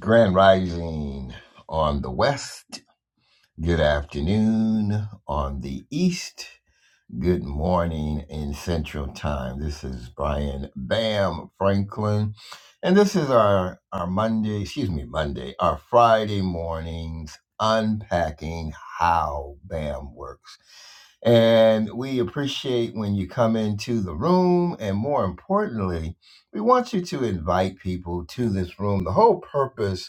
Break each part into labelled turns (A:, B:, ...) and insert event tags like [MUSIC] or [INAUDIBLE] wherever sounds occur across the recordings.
A: Grand Rising on the West. Good afternoon on the East. Good morning in Central Time. This is Brian Bam Franklin. And this is our, our Monday, excuse me, Monday, our Friday mornings unpacking how BAM works. And we appreciate when you come into the room. And more importantly, we want you to invite people to this room. The whole purpose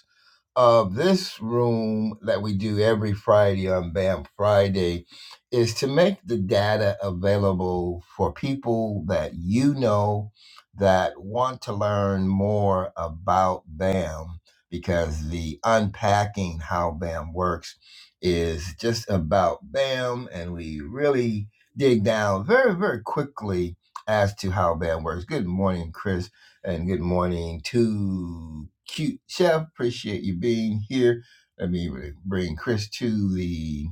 A: of this room that we do every Friday on BAM Friday is to make the data available for people that you know that want to learn more about BAM because the unpacking how BAM works is just about BAM and we really dig down very, very quickly as to how BAM works. Good morning, Chris and good morning to Cute Chef. Appreciate you being here. Let me bring Chris to the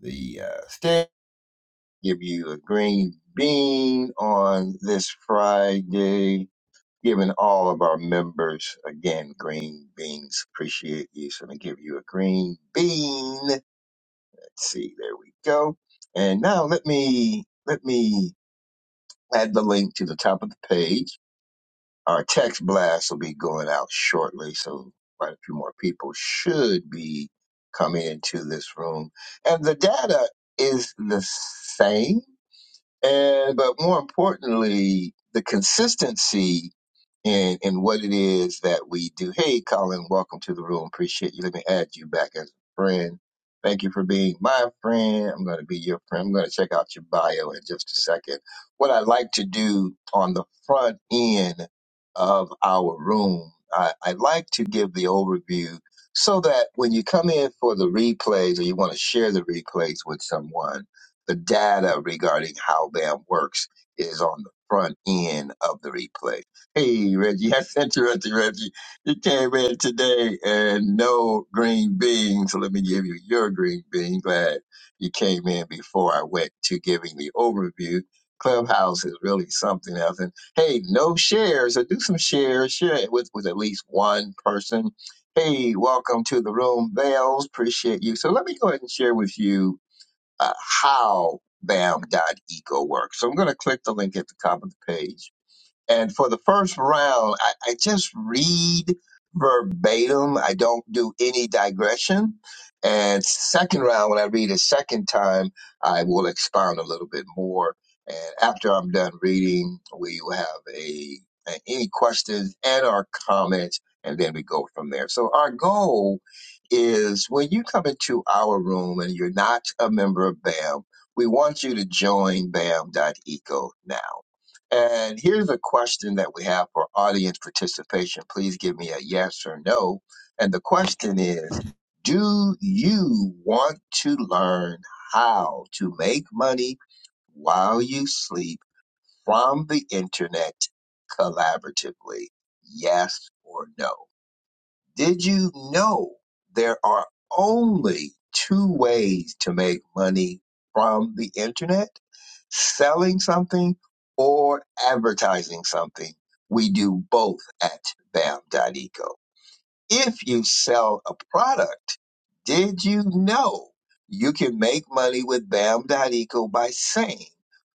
A: the uh, stand. Give you a green bean on this Friday. Giving all of our members again green beans. Appreciate you. So I'm gonna give you a green bean. Let's see. There we go. And now let me let me add the link to the top of the page Our text blast will be going out shortly, so quite a few more people should be coming into this room. And the data is the same, and but more importantly, the consistency and and what it is that we do. Hey, Colin, welcome to the room. Appreciate you. Let me add you back as a friend. Thank you for being my friend. I'm going to be your friend. I'm going to check out your bio in just a second. What I like to do on the front end of our room, I, I like to give the overview so that when you come in for the replays or you want to share the replays with someone, the data regarding how BAM works is on the front end of the replay. Hey, Reggie, I sent you at the Reggie. You came in today and no green bean, so let me give you your green bean. Glad you came in before I went to giving the overview. Clubhouse is really something else. And hey, no shares, so do some shares. Share it with, with at least one person. Hey, welcome to the room, Vales. Appreciate you. So let me go ahead and share with you uh, how BAM.eco works. So I'm going to click the link at the top of the page and for the first round, I, I just read verbatim. I don't do any digression. And second round, when I read a second time, I will expound a little bit more. And after I'm done reading, we will have a, a any questions and our comments, and then we go from there. So our goal is when you come into our room and you're not a member of BAM, we want you to join BAM dot Eco now and here's a question that we have for audience participation. Please give me a yes or no. And the question is Do you want to learn how to make money while you sleep from the internet collaboratively? Yes or no? Did you know there are only two ways to make money from the internet? Selling something or advertising something. We do both at BAM.eco. If you sell a product, did you know you can make money with BAM.eco by saying,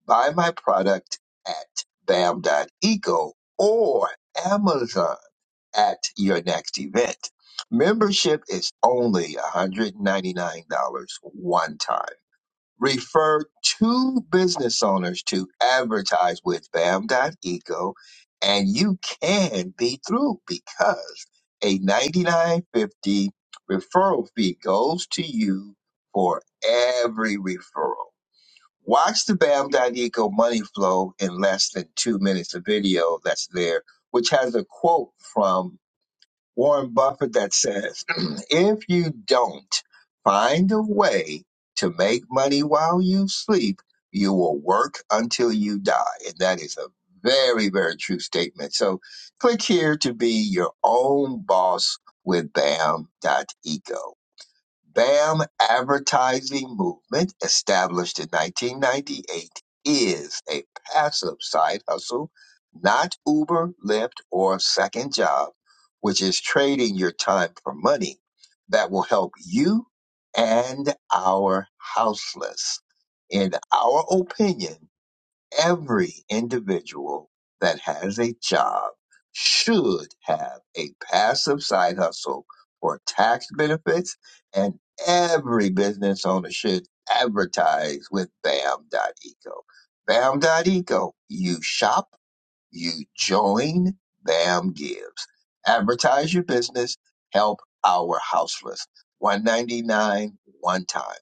A: buy my product at BAM.eco or Amazon? at your next event. Membership is only $199 one time. Refer two business owners to advertise with BAM.eco and you can be through because a ninety nine fifty referral fee goes to you for every referral. Watch the BAM.eco money flow in less than two minutes of video that's there, which has a quote from Warren Buffett that says, [CLEARS THROAT] if you don't find a way to make money while you sleep, you will work until you die. And that is a very, very true statement. So click here to be your own boss with Bam Dot Eco. BAM advertising movement established in 1998 is a passive side hustle, not Uber, Lyft, or second job, which is trading your time for money that will help you and our houseless. In our opinion, every individual that has a job should have a passive side hustle for tax benefits, and every business owner should advertise with BAM.eco. BAM.eco, you shop, you join, BAM gives. Advertise your business, help our houseless. 199 one time.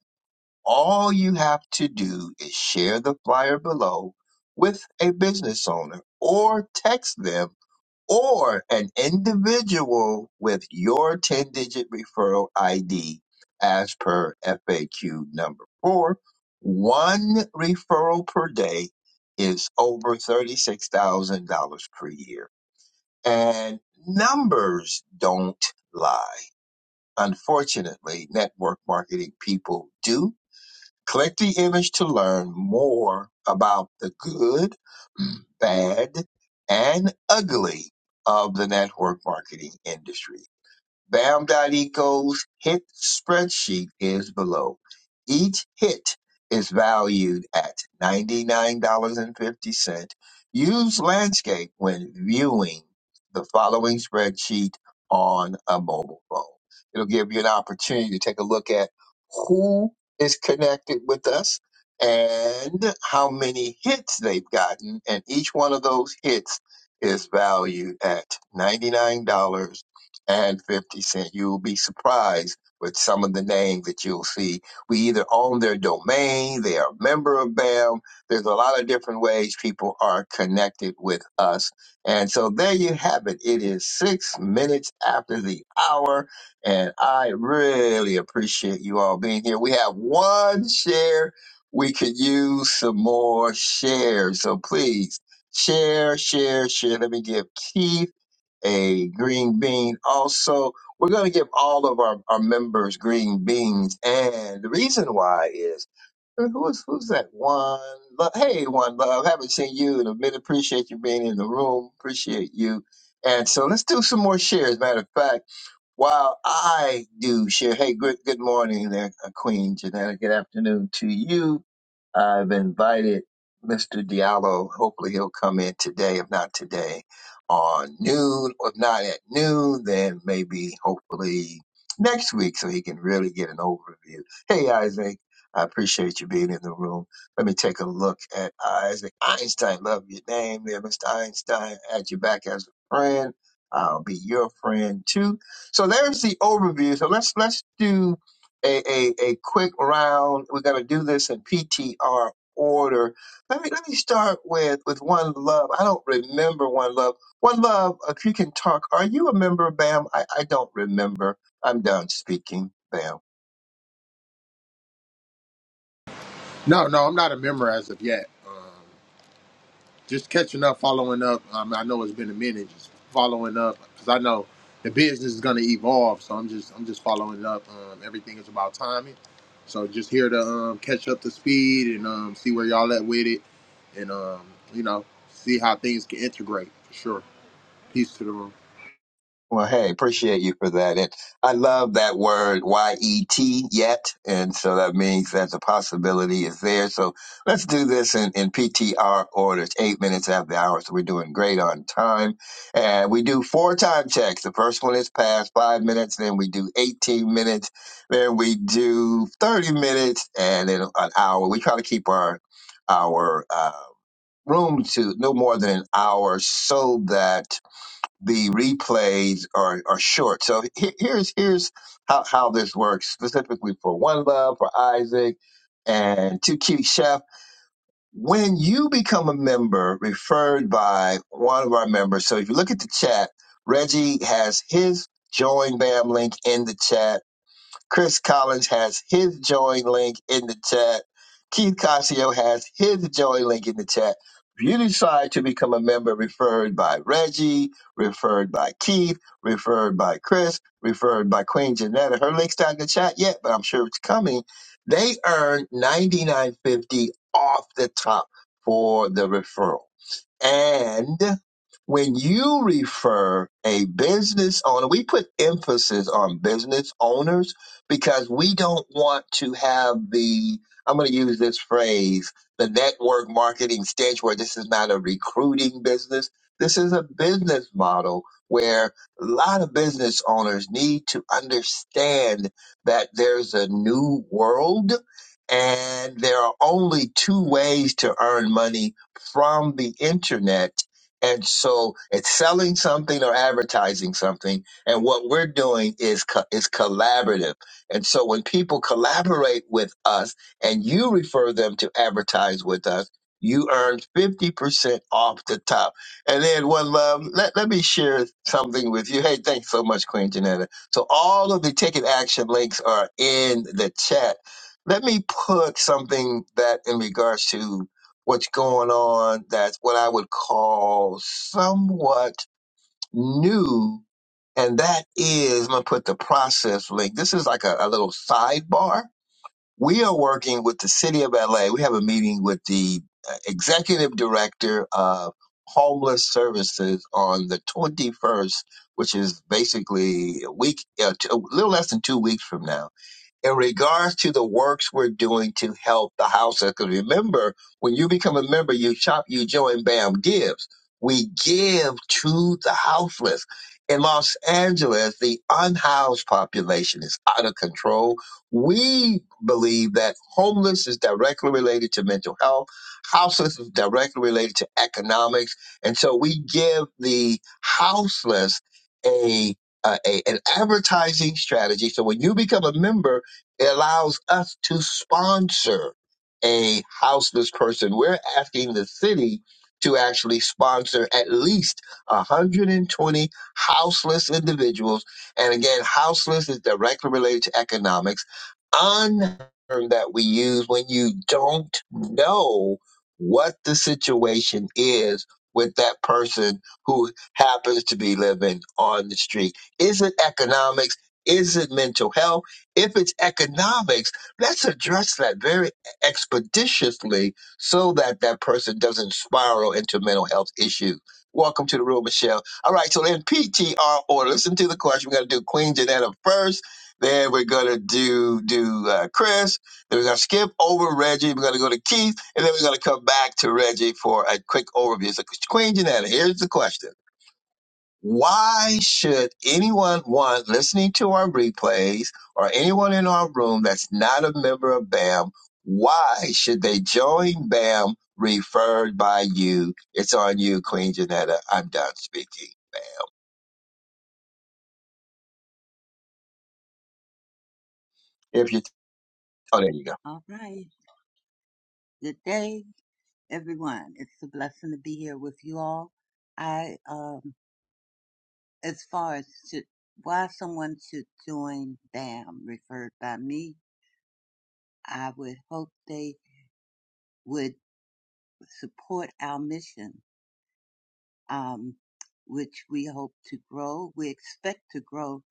A: All you have to do is share the flyer below with a business owner or text them or an individual with your 10 digit referral ID as per FAQ number four. One referral per day is over $36,000 per year. And numbers don't lie. Unfortunately, network marketing people do Click the image to learn more about the good, bad, and ugly of the network marketing industry. BAM.eco's hit spreadsheet is below. Each hit is valued at $99.50. Use Landscape when viewing the following spreadsheet on a mobile phone. It'll give you an opportunity to take a look at who is connected with us and how many hits they've gotten. And each one of those hits is valued at $99. and 50 Cent. You'll be surprised with some of the names that you'll see. We either own their domain, they are a member of BAM. There's a lot of different ways people are connected with us. And so there you have it. It is six minutes after the hour, and I really appreciate you all being here. We have one share. We could use some more shares. So please share, share, share. Let me give Keith a green bean. Also, we're going to give all of our, our members green beans. And the reason why is I mean, who's who's that one? Lo- Hey, one love. Haven't seen you in a minute. Appreciate you being in the room. Appreciate you. And so let's do some more shares. Matter of fact. While I do share, hey, good, good morning there, uh, Queen Janetta. Good afternoon to you. I've invited Mr. Diallo. Hopefully he'll come in today. If not today, on noon. If not at noon, then maybe hopefully next week so he can really get an overview. Hey, Isaac. I appreciate you being in the room. Let me take a look at Isaac Einstein. Love your name there, Mr. Einstein. Add you back as a friend. I'll be your friend too so there's the overview. So let's let's do a, a, a quick round. We're gonna do this in PTR order. Let me let me start with with one love. I don't remember one love. One love, if you can talk, are you a member, Bam? I, I don't remember. I'm done speaking, Bam.
B: No, no, I'm not a member as of yet. Just catching up, following up. Um, I know it's been a minute, just following up because I know the business is going to evolve. So I'm just, I'm just following up. Um, everything is about timing. So just here to um, catch up to speed and um, see where y'all at with it, and um, you know, see how things can integrate for sure. Peace to the room.
A: Well, hey, appreciate you for that. And I love that word Y E T yet. And so that means that the possibility is there. So let's do this in, in PTR order. It's eight minutes after the hour. So we're doing great on time. And we do four time checks. The first one is past five minutes. Then we do 18 minutes. Then we do 30 minutes and then an hour. We try to keep our, our, uh, room to no more than an hour so that the replays are, are short. So he- here's here's how, how this works specifically for One Love, for Isaac, and Two Cute Chef. When you become a member, referred by one of our members. So if you look at the chat, Reggie has his join BAM link in the chat Chris Collins has his join link in the chat. Keith Casio has his join link in the chat. If you decide to become a member referred by Reggie, referred by Keith, referred by Chris, referred by Queen Janetta, her link's not in the chat yet, but I'm sure it's coming. They earn ninety nine fifty off the top for the referral. And when you refer a business owner, we put emphasis on business owners because we don't want to have the, I'm going to use this phrase, the network marketing stage where this is not a recruiting business. This is a business model where a lot of business owners need to understand that there's a new world and there are only two ways to earn money from the internet. And so it's selling something or advertising something. And what we're doing is, co- is collaborative. And so when people collaborate with us and you refer them to advertise with us, you earn 50% off the top. And then one love, let, let me share something with you. Hey, thanks so much, Queen Janetta. So all of the ticket action links are in the chat let me put something that in regards to what's going on that's what I would call somewhat new. And that is, I'm going to put the process link. This is like a, a little sidebar. We are working with the city of LA. We have a meeting with the uh, executive director of homeless services on the 21st, which is basically a week, uh, t- a little less than two weeks from now in regards to the works we're doing to help the house. Because remember, when you become a member, you shop, you join, bam, gives. We give to the houseless. In Los Angeles, the unhoused population is out of control. We believe that homeless is directly related to mental health, houseless is directly related to economics. And so we give the houseless a, a, a an advertising strategy. So when you become a member, it allows us to sponsor a houseless person. We're asking the city to actually sponsor at least 120 houseless individuals. And again, houseless is directly related to economics. Un term that we use when you don't know what the situation is with that person who happens to be living on the street. Is it economics? Is it mental health? If it's economics, let's address that very expeditiously so that that person doesn't spiral into mental health issues. Welcome to the room, Michelle. All right, so in PTR order, listen to the question. We're going to do Queen Janetta first. Then we're going to do do uh, Chris. Then we're going to skip over Reggie. We're going to go to Keith. And then we're going to come back to Reggie for a quick overview. So, Queen Janetta, here's the question. Why should anyone want listening to our replays or anyone in our room that's not a member of BAM? Why should they join BAM referred by you? It's on you, Queen Janetta. I'm done speaking. If you, oh, there you go.
C: All right. Good day, everyone. It's a blessing to be here with you all. I, um, as far as should, why someone should join BAM referred by me, I would hope they would support our mission, um, which we hope to grow. We expect to grow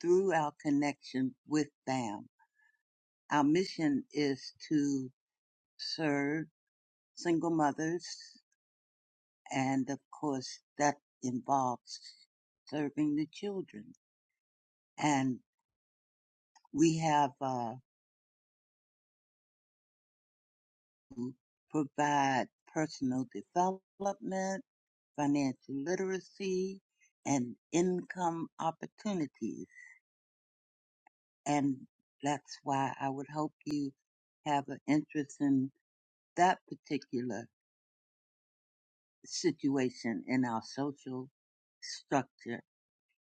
C: through our connection with BAM. Our mission is to serve single mothers And of course, that involves serving the children. And we have uh, provide personal development, financial literacy, and income opportunities. And that's why I would hope you have an interest in that particular situation in our social structure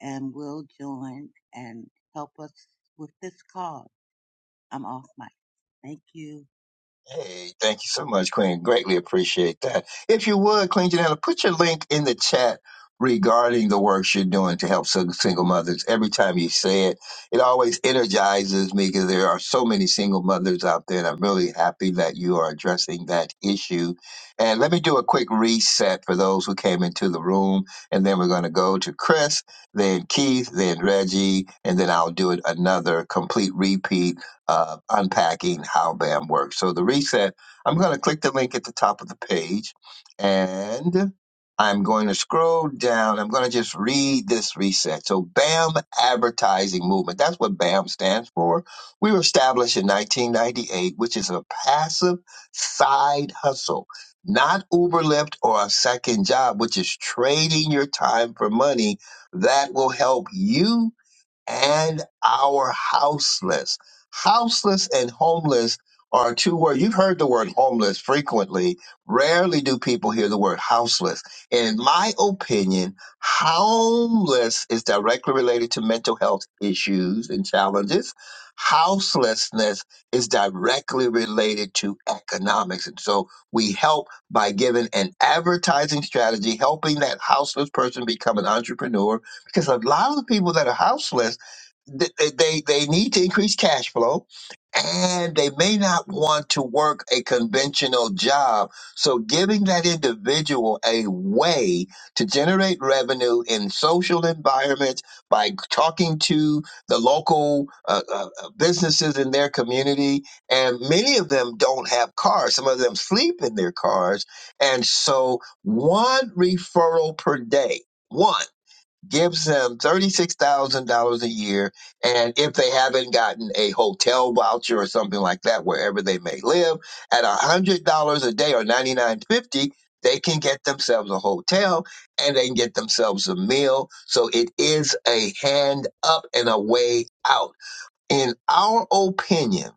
C: and will join and help us with this cause. I'm off mic. Thank you.
A: Hey, thank you so much, Queen. Greatly appreciate that. If you would, Queen Janella, put your link in the chat regarding the works you're doing to help sing- single mothers. Every time you say it, it always energizes me because there are so many single mothers out there, and I'm really happy that you are addressing that issue. And let me do a quick reset for those who came into the room, and then we're going to go to Chris, then Keith, then Reggie, and then I'll do it another complete repeat uh, unpacking how BAM works. So the reset, I'm going to click the link at the top of the page and I'm going to scroll down. I'm going to just read this reset. So BAM advertising movement. That's what BAM stands for. We were established in 1998, which is a passive side hustle, not Uberlift or a second job, which is trading your time for money that will help you and our houseless. Houseless and homeless are two words. You've heard the word homeless frequently. Rarely do people hear the word houseless. In my opinion, homeless is directly related to mental health issues and challenges. Houselessness is directly related to economics. And so we help by giving an advertising strategy, helping that houseless person become an entrepreneur. Because a lot of the people that are houseless th- they, they they need to increase cash flow and they may not want to work a conventional job so giving that individual a way to generate revenue in social environments by talking to the local uh, uh, uh, businesses in their community and many of them don't have cars some of them sleep in their cars and so one referral per day One gives them $36,000 a year. And if they haven't gotten a hotel voucher or something like that, wherever they may live, at $100 a day or ninety nine fifty, they can get themselves a hotel and they can get themselves a meal. So it is a hand up and a way out. In our opinion,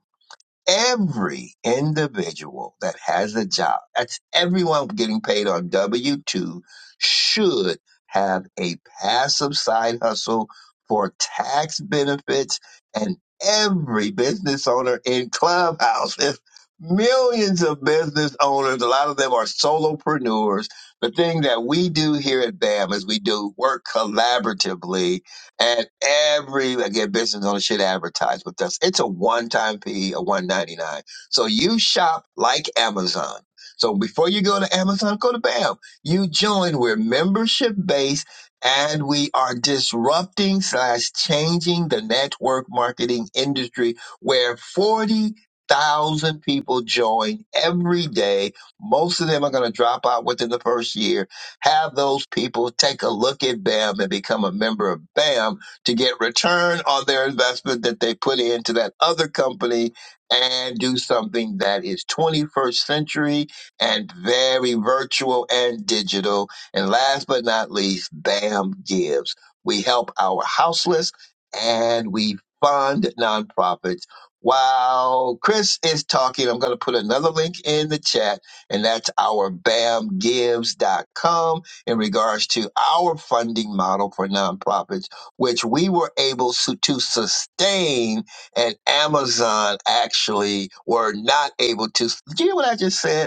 A: every individual that has a job, that's everyone getting paid on W 2, should have a passive side hustle for tax benefits. And every business owner in Clubhouse, if millions of business owners, a lot of them are solopreneurs, the thing that we do here at BAM is we do work collaboratively and every again business owner should advertise with us. It's a one-time fee of one ninety-nine. So you shop like Amazon. So before you go to Amazon, go to BAM. You join. We're membership based and we are disrupting slash changing the network marketing industry where 40,000 people join every day. Most of them are going to drop out within the first year have those people take a look at BAM and become a member of BAM to get return on their investment that they put into that other company and do something that is 21st century and very virtual and digital. And last but not least, BAM gives. We help our houseless and we fund nonprofits. While Chris is talking, I'm going to put another link in the chat and that's our bam gives dot com. in regards to our funding model for nonprofits, which we were able su- to sustain, and Amazon actually were not able to. Did you hear what I just said?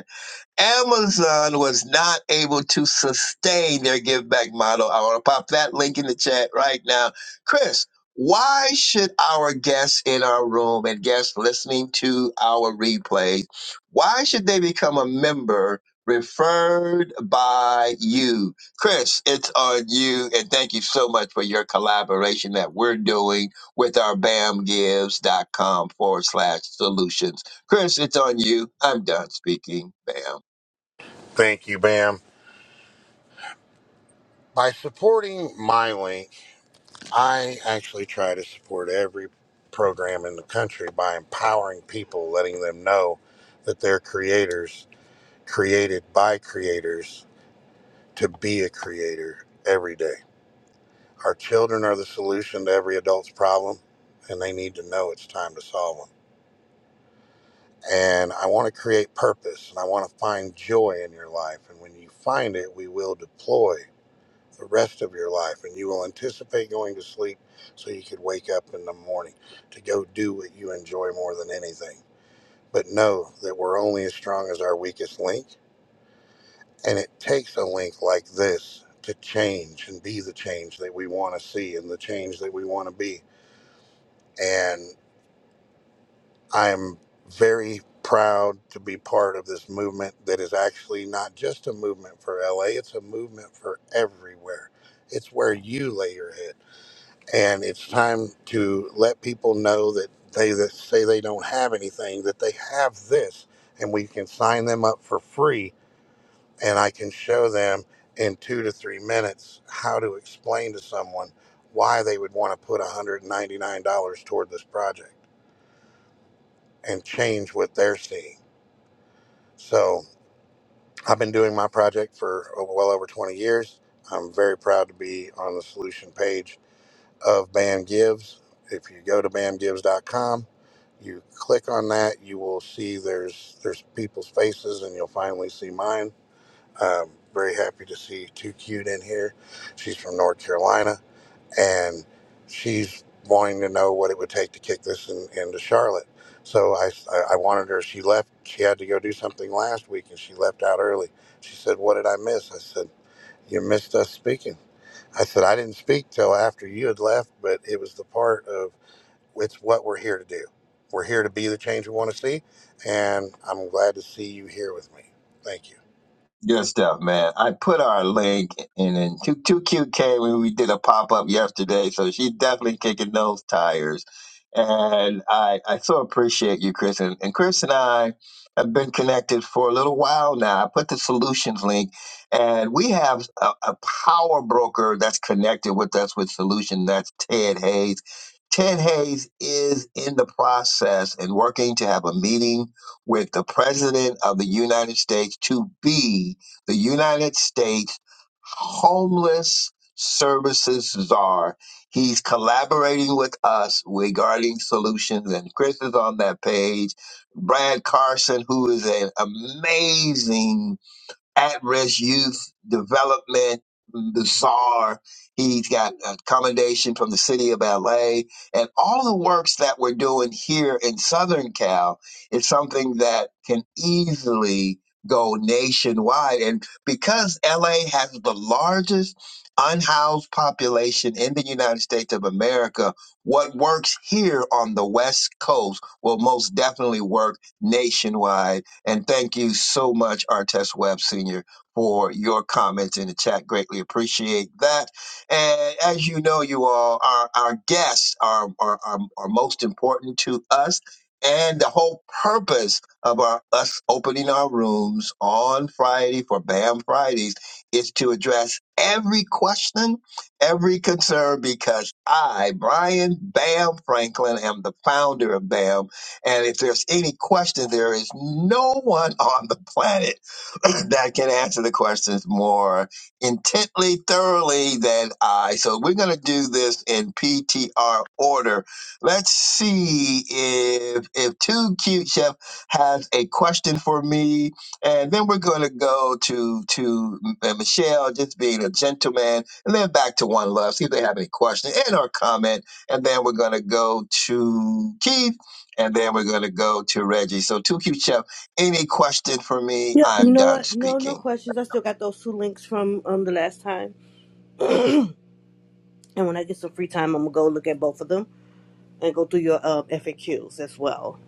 A: Amazon was not able to sustain their give back model. I want to pop that link in the chat right now. Chris, why should our guests in our room and guests listening to our replays, why should they become a member referred by you? Chris, it's on you. And thank you so much for your collaboration that we're doing with our bamgives.com forward slash solutions. Chris, it's on you. I'm done speaking. Bam.
D: Thank you, Bam. By supporting MyLink, I actually try to support every program in the country by empowering people, letting them know that they're creators, created by creators, to be a creator every day. Our children are the solution to every adult's problem, and they need to know it's time to solve them. And I want to create purpose, and I want to find joy in your life. And when you find it, we will deploy the rest of your life, and you will anticipate going to sleep so you could wake up in the morning to go do what you enjoy more than anything. But know that we're only as strong as our weakest link, and it takes a link like this to change and be the change that we want to see and the change that we want to be. And I'm very proud to be part of this movement that is actually not just a movement for LA, it's a movement for everywhere. It's where you lay your head. and it's time to let people know that they that say they don't have anything that they have this and we can sign them up for free and i can show them in two to three minutes how to explain to someone why they would want to put $199 toward this project and change what they're seeing so i've been doing my project for oh, well over 20 years i'm very proud to be on the solution page of BAM Gives. If you go to BAMGives.com, you click on that, you will see there's there's people's faces, and you'll finally see mine. Um, very happy to see Too Cute in here. She's from North Carolina, and she's wanting to know what it would take to kick this in, into Charlotte. So I I wanted her. She left. She had to go do something last week, and she left out early. She said, "What did I miss?" I said, "You missed us speaking." I said, I didn't speak till after you had left, but it was the part of it's what we're here to do. We're here to be the change we want to see, and I'm glad to see you here with me. Thank you.
A: Good stuff, man. I put our link in in two two QK when we did a pop up yesterday, so she's definitely kicking those tires. And I I so appreciate you, Chris. And, and Chris and I have been connected for a little while now. I put the solutions link, and we have a, a power broker that's connected with us with solution. That's Ted Hayes. Ted Hayes is in the process and working to have a meeting with the President of the United States to be the United States homeless services czar. He's collaborating with us regarding solutions, and Chris is on that page. Brad Carson, who is an amazing at-risk youth development bazaar. He's got accommodation from the city of LA, and all the works that we're doing here in Southern Cal is something that can easily go nationwide. And because LA has the largest unhoused population in the United States of America, what works here on the West Coast will most definitely work nationwide and thank you so much, Artest Webb Sr., for your comments in the chat. Greatly appreciate that. And as you know, you all, our, our guests are, are, are, are most important to us. And the whole purpose of our us opening our rooms on Friday for BAM Fridays is to address every question, every concern, because I, Brian Bam Franklin, am the founder of BAM and if there's any question, there is no one on the planet [CLEARS THROAT] that can answer the questions more intently, thoroughly than I. So we're going to do this in PTR order. Let's see if if Too Cute Chef has a question for me, and then we're going to go to to uh, Michelle, just being a gentleman, and then back to One Love. See if they have any question and or comment, and then we're going to go to Keith and then we're going to go to Reggie. So, 2Q Chef, any question for me?
E: Yep. You
A: I'm
E: know
A: done
E: what? No,
A: speaking.
E: no questions. I still got those two links from um the last time, and when I get some free time, I'm gonna go look at both of them and go through your um FAQs as well.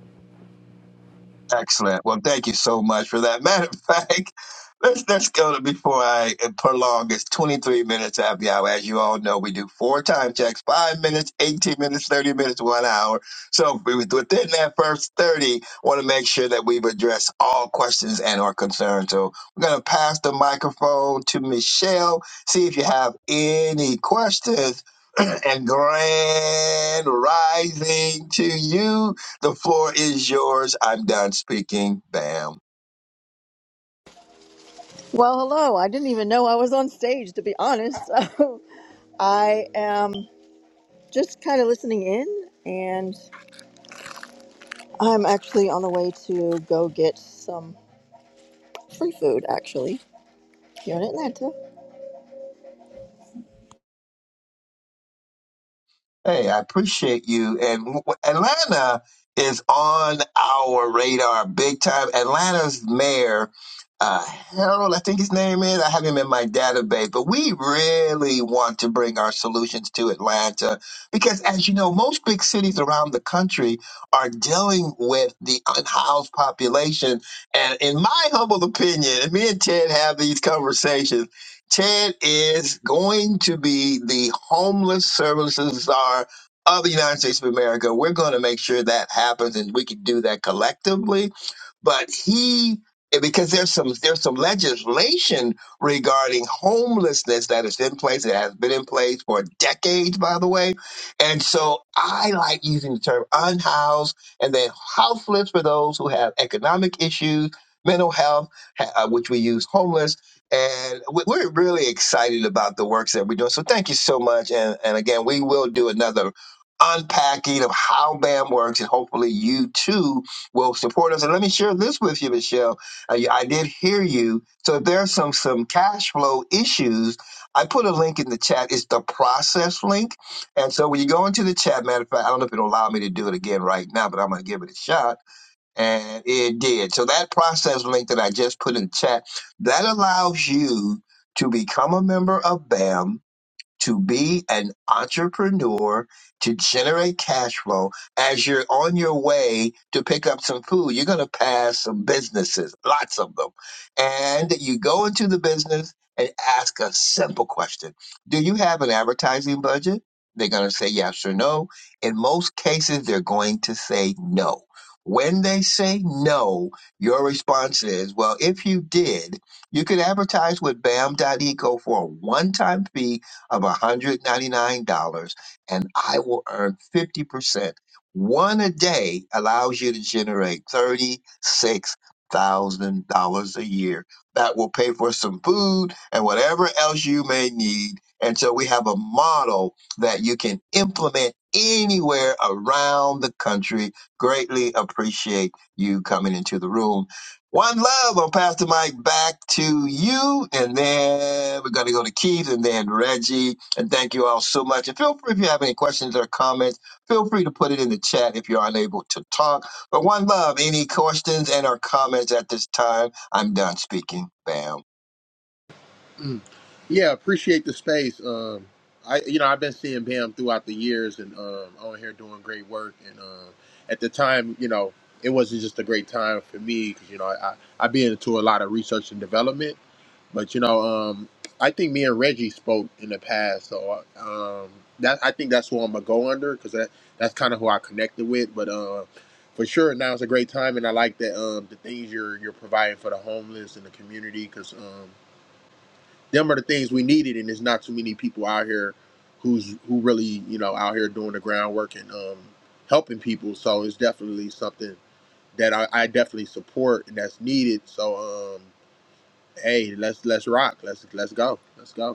A: Excellent. Well, thank you so much for that. [LAUGHS] Matter of fact, [LAUGHS] let's let's go to before I prolong. It's 23 minutes happy hour. As you all know, we do four time checks: five minutes, 18 minutes, 30 minutes, one hour. So we- within that first 30, want to make sure that we've addressed all questions and or concerns. So we're gonna pass the microphone to Michelle. See if you have any questions. [CLEARS THROAT] and grand rising to you. The floor is yours. I'm done speaking. Bam.
F: Well, hello. I didn't even know I was on stage, to be honest. [LAUGHS] So I am just kind of listening in, and I'm actually on the way to go get some free food, actually, here in Atlanta.
A: Hey, I appreciate you. And w- w- Atlanta is on our radar big time. Atlanta's mayor, uh, Harold, I think his name is. I have him in my database, but we really want to bring our solutions to Atlanta because, as you know, most big cities around the country are dealing with the unhoused population. And in my humble opinion, and me and Ted have these conversations Ted is going to be the homeless services czar of the United States of America. We're going to make sure that happens and we can do that collectively but he because there's some there's some legislation regarding homelessness that is in place it has been in place for decades by the way and so i like using the term unhoused and then house flips for those who have economic issues mental health ha- uh, which we use homeless and we- we're really excited about the works that we're doing so thank you so much and, and again we will do another unpacking of how bam works and hopefully you too will support us. And let me share this with you, Michelle. I, I did hear you. So if there are some some cash flow issues, I put a link in the chat. It's the process link. And so when you go into the chat, matter of fact, I don't know if it'll allow me to do it again right now, but I'm gonna give it a shot. And it did. So that process link that I just put in the chat, that allows you to become a member of BAM to be an entrepreneur, to generate cash flow. As you're on your way to pick up some food, you're going to pass some businesses, lots of them. And you go into the business and ask a simple question Do you have an advertising budget? They're going to say yes or no. In most cases, they're going to say no. When they say no, your response is, well, if you did, you could advertise with Bam dot Eco for a one time fee of $199 and I will earn 50%. One a day allows you to generate $36,000 a year. That will pay for some food and whatever else you may need. And so we have a model that you can implement anywhere around the country. Greatly appreciate you coming into the room. One love on Pastor Mike back to you. And then we're going to go to Keith and then Reggie. And thank you all so much. And feel free if you have any questions or comments, feel free to put it in the chat if you're unable to talk. But one love, any questions and or comments at this time? I'm done speaking. Bam.
B: Yeah, appreciate the space. Um, I you know I've been seeing Bam throughout the years and um, on here doing great work. And um, at the time, you know, it wasn't just a great time for me because you know I I have been into a lot of research and development. But you know, um, I think me and Reggie spoke in the past, so um, that I think that's who I'm gonna go under because that that's kind of who I connected with. But uh, for sure, now is a great time, and I like that um, the things you're you're providing for the homeless and the community because. Um, them are the things we needed, and there's not too many people out here who's who really you know out here doing the groundwork and um, helping people. So it's definitely something that I, I definitely support and that's needed. So um, hey, let's let's rock. Let's let's go. Let's go.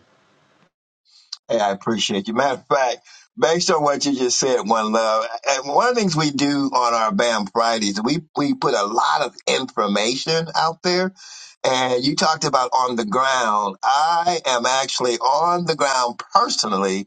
A: Hey, I appreciate you. Matter of fact, based on what you just said, one love, and one of the things we do on our BAM Fridays, we, we put a lot of information out there. And you talked about on the ground. I am actually on the ground personally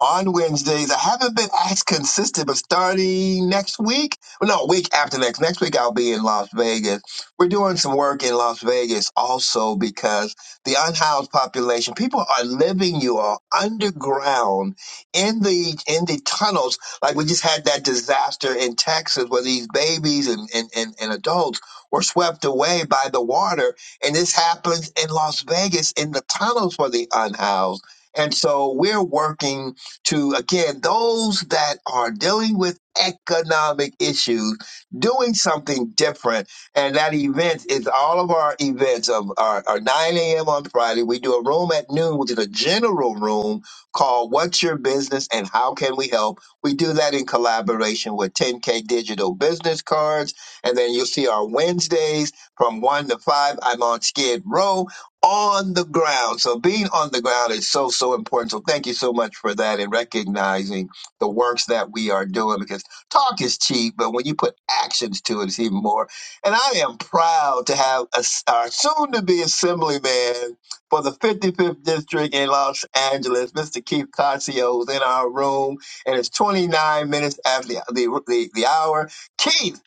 A: on Wednesdays. I haven't been as consistent, but starting next week, well, no, week after next, next week I'll be in Las Vegas. We're doing some work in Las Vegas also because the unhoused population. People are living, you all, underground in the in the tunnels. Like we just had that disaster in Texas where these babies and, and, and, and adults were swept away by the water. And this happens in Las Vegas in the tunnels for the unhoused. And so we're working to again those that are dealing with economic issues, doing something different and that event is all of our events of our, our 9 a.m. on Friday. We do a room at noon, which is a general room called What's Your Business and How Can We Help? We do that in collaboration with 10K Digital Business Cards. And then you'll see our Wednesdays from 1 to 5. I'm on Skid Row on the ground. So being on the ground is so, so important. So thank you so much for that and recognizing the works that we are doing because talk is cheap, but when you put actions to it, it's even more. And I am proud to have a, our soon to be assemblyman for the 55th District in Los Angeles, Mr. Keith Cossio, is in our room, and it's 29 minutes after the, the, the, the hour. Keith,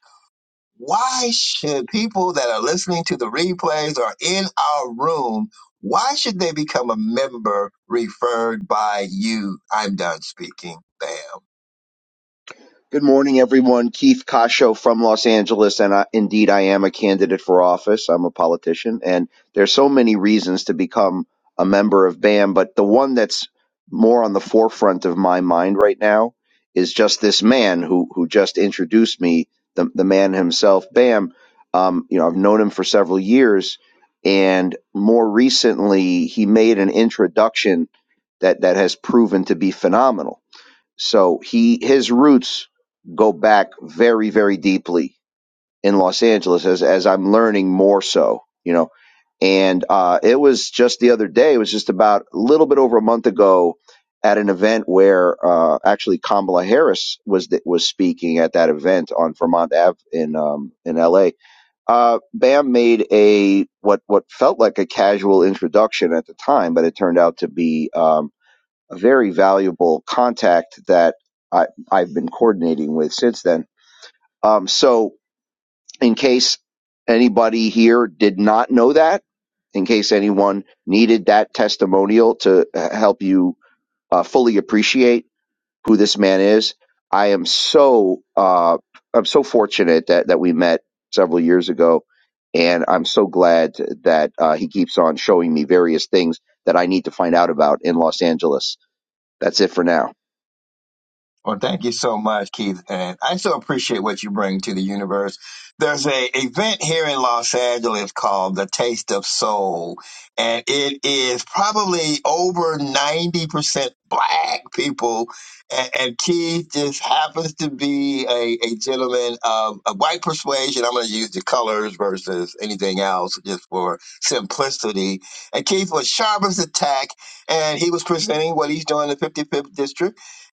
A: why should people that are listening to the replays or in our room, why should they become a member referred by you? I'm done speaking. Bam.
G: Good morning, everyone. Keith Kasho from Los Angeles, and I, indeed, I am a candidate for office. I'm a politician, and there's so many reasons to become a member of BAM, but the one that's more on the forefront of my mind right now is just this man who who just introduced me, the the man himself, BAM. Um, you know, I've known him for several years, and more recently, he made an introduction that that has proven to be phenomenal so he his roots go back very very deeply in Los Angeles as as I'm learning more so, you know. And uh, it was just the other day. It was just about a little bit over a month ago at an event where uh, actually Kamala Harris was th- was speaking at that event on Vermont Ave in um, in L.A. Uh, Bam made a what what felt like a casual introduction at the time, but it turned out to be. um, a very valuable contact that I, I've been coordinating with since then. Um, so, in case anybody here did not know that, in case anyone needed that testimonial to uh, help you uh, fully appreciate who this man is, I am so uh, I'm so fortunate that that we met several years ago, and I'm so glad that uh, he keeps on showing me various things that I need to find out about in Los Angeles. That's it for now.
A: Well, thank you so much, Keith. And I so appreciate what you bring to the universe. There's a event here in Los Angeles called the Taste of Soul, and it is probably over 90% black people. And, and Keith just happens to be a, a gentleman of, of white persuasion. I'm going to use the colors versus anything else just for simplicity. And Keith was sharp as a tack, and he was presenting what he's doing in the 55th district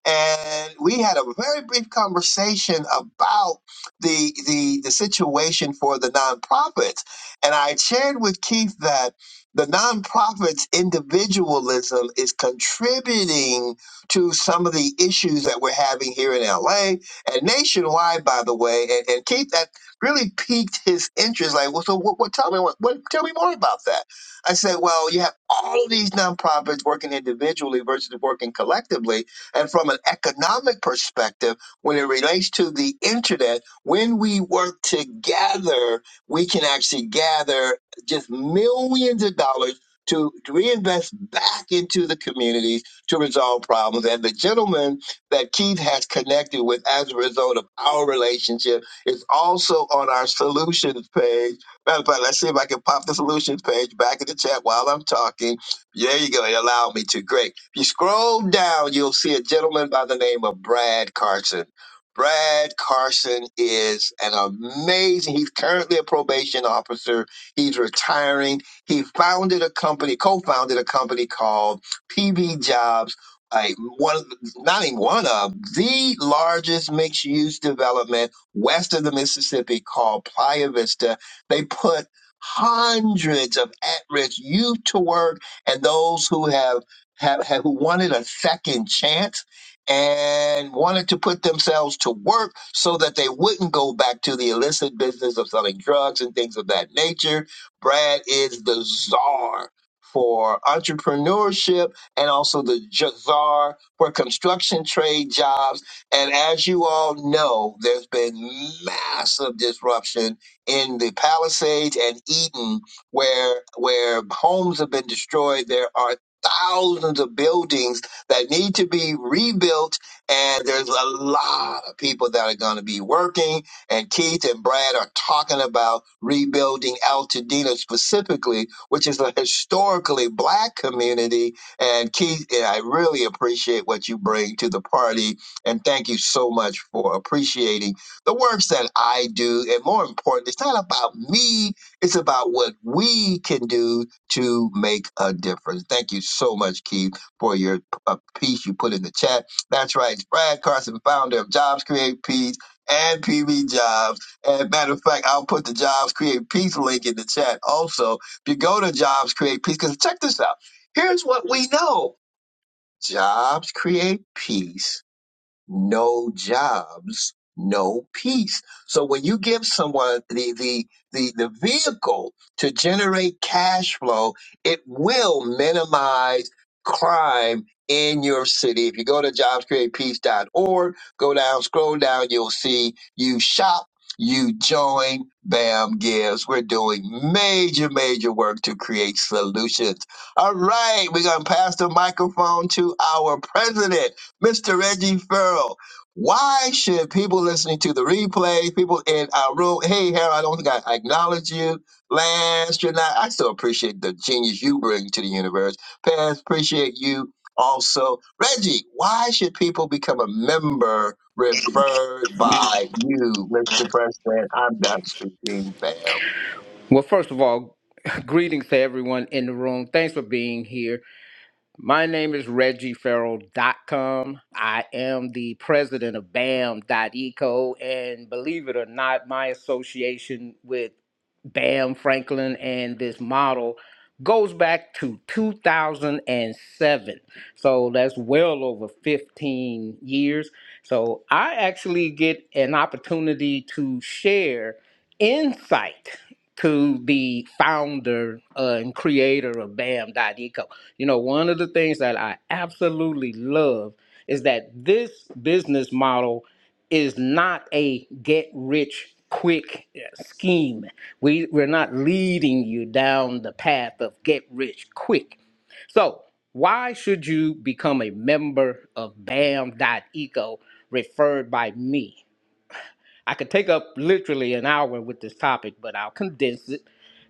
A: and we had a very brief conversation about the the the situation for the nonprofits and i shared with keith that the nonprofits individualism is contributing to some of the issues that we're having here in la and nationwide by the way and, and keith that really piqued his interest like well so what, what tell me what, what tell me more about that i said well you have all of these nonprofits working individually versus working collectively and from an economic perspective, when it relates to the internet, when we work together, we can actually gather just millions of dollars to to reinvest back into the communities to resolve problems. And the gentleman that Keith has connected with as a result of our relationship is also on our solutions page. Matter of fact, let's see if I can pop the solutions page back in the chat while I'm talking. There you go. It allowed me to. Great. If you scroll down, you'll see a gentleman by the name of Brad Carson. Brad Carson is an amazing, he's currently a probation officer. He's retiring. He founded a company, co founded a company called PB Jobs. A, one, of the- not even one of the largest mixed use development west of the Mississippi called Playa Vista. They put hundreds of at risk youth to work and those who have have, have who wanted a second chance and wanted to put themselves to work so that they wouldn't go back to the illicit business of selling drugs and things of that nature. Brad is the czar for entrepreneurship and also the j- czar for construction trade jobs. And as you all know, there's been massive disruption in the Palisades and Eden where where homes have been destroyed. There are thousands of buildings that need to be rebuilt and there's a lot of people that are going to be working and keith and brad are talking about rebuilding altadena specifically which is a historically black community and keith and i really appreciate what you bring to the party and thank you so much for appreciating the works that i do and more important it's not about me it's about what we can do to make a difference. Thank you so much, Keith, for your uh, piece you put in the chat. That's right. It's Brad Carson, founder of Jobs Create Peace and PV Jobs. And matter of fact, I'll put the Jobs Create Peace link in the chat also. If you go to Jobs Create Peace, because check this out. Here's what we know. Jobs create peace no jobs, no peace. So when you give someone the, the, the, the vehicle to generate cash flow, it will minimize crime in your city. If you go to jobs create peace dot org, go down, scroll down, you'll see you shop. You join BAM Gives. We're doing major, major work to create solutions. All right, we're going to pass the microphone to our president. Mr. Reggie Farrell. Why should people listening to the replay, people in our room, hey, Harold, I don't think I acknowledge you. Last year, night, I still appreciate the genius you bring to the universe. Paz, appreciate you also. Reggie, why should people become a member referred by you, Mr. President? I'm done speaking, bam.
H: Well, first of all, [LAUGHS] greetings to everyone in the room. Thanks for being here. My name is Reggie Farrell dot com. I am the president of BAM.eco, and believe it or not, my association with BAM Franklin and this model goes back to 2007. So that's well over 15 years. So I actually get an opportunity to share insight to the founder uh, and creator of BAM.eco. You know, one of the things that I absolutely love is that this business model is not a get rich quick uh, scheme. We we're not leading you down the path of get rich quick. So, why should you become a member of bam.eco referred by me? I could take up literally an hour with this topic, but I'll condense it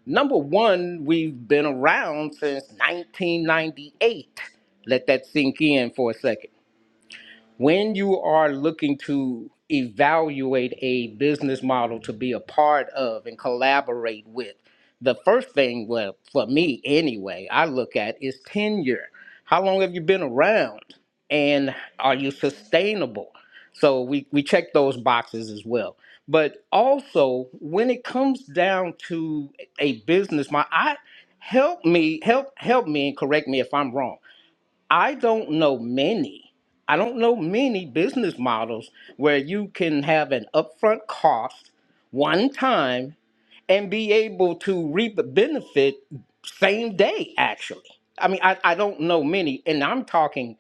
H: Number one, we've been around since 1998. Let that sink in for a second when you are looking to evaluate a business model to be a part of and collaborate with, the first thing, well, for me anyway, I look at is tenure. How long have you been around? And are you sustainable? So we, we check those boxes as well. But also, when it comes down to a business model, I help me help help me and correct me if I'm wrong I don't know many. I don't know many business models where you can have an upfront cost one time and be able to reap a benefit same day, actually. I mean, I, I don't know many, and I'm talking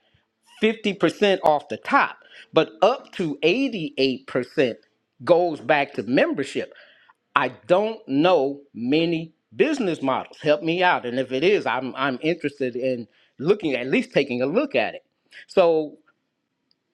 H: 50% off the top, but up to 88% goes back to membership. I don't know many business models. Help me out. And if it is, I'm I'm interested in looking at least taking a look at it. So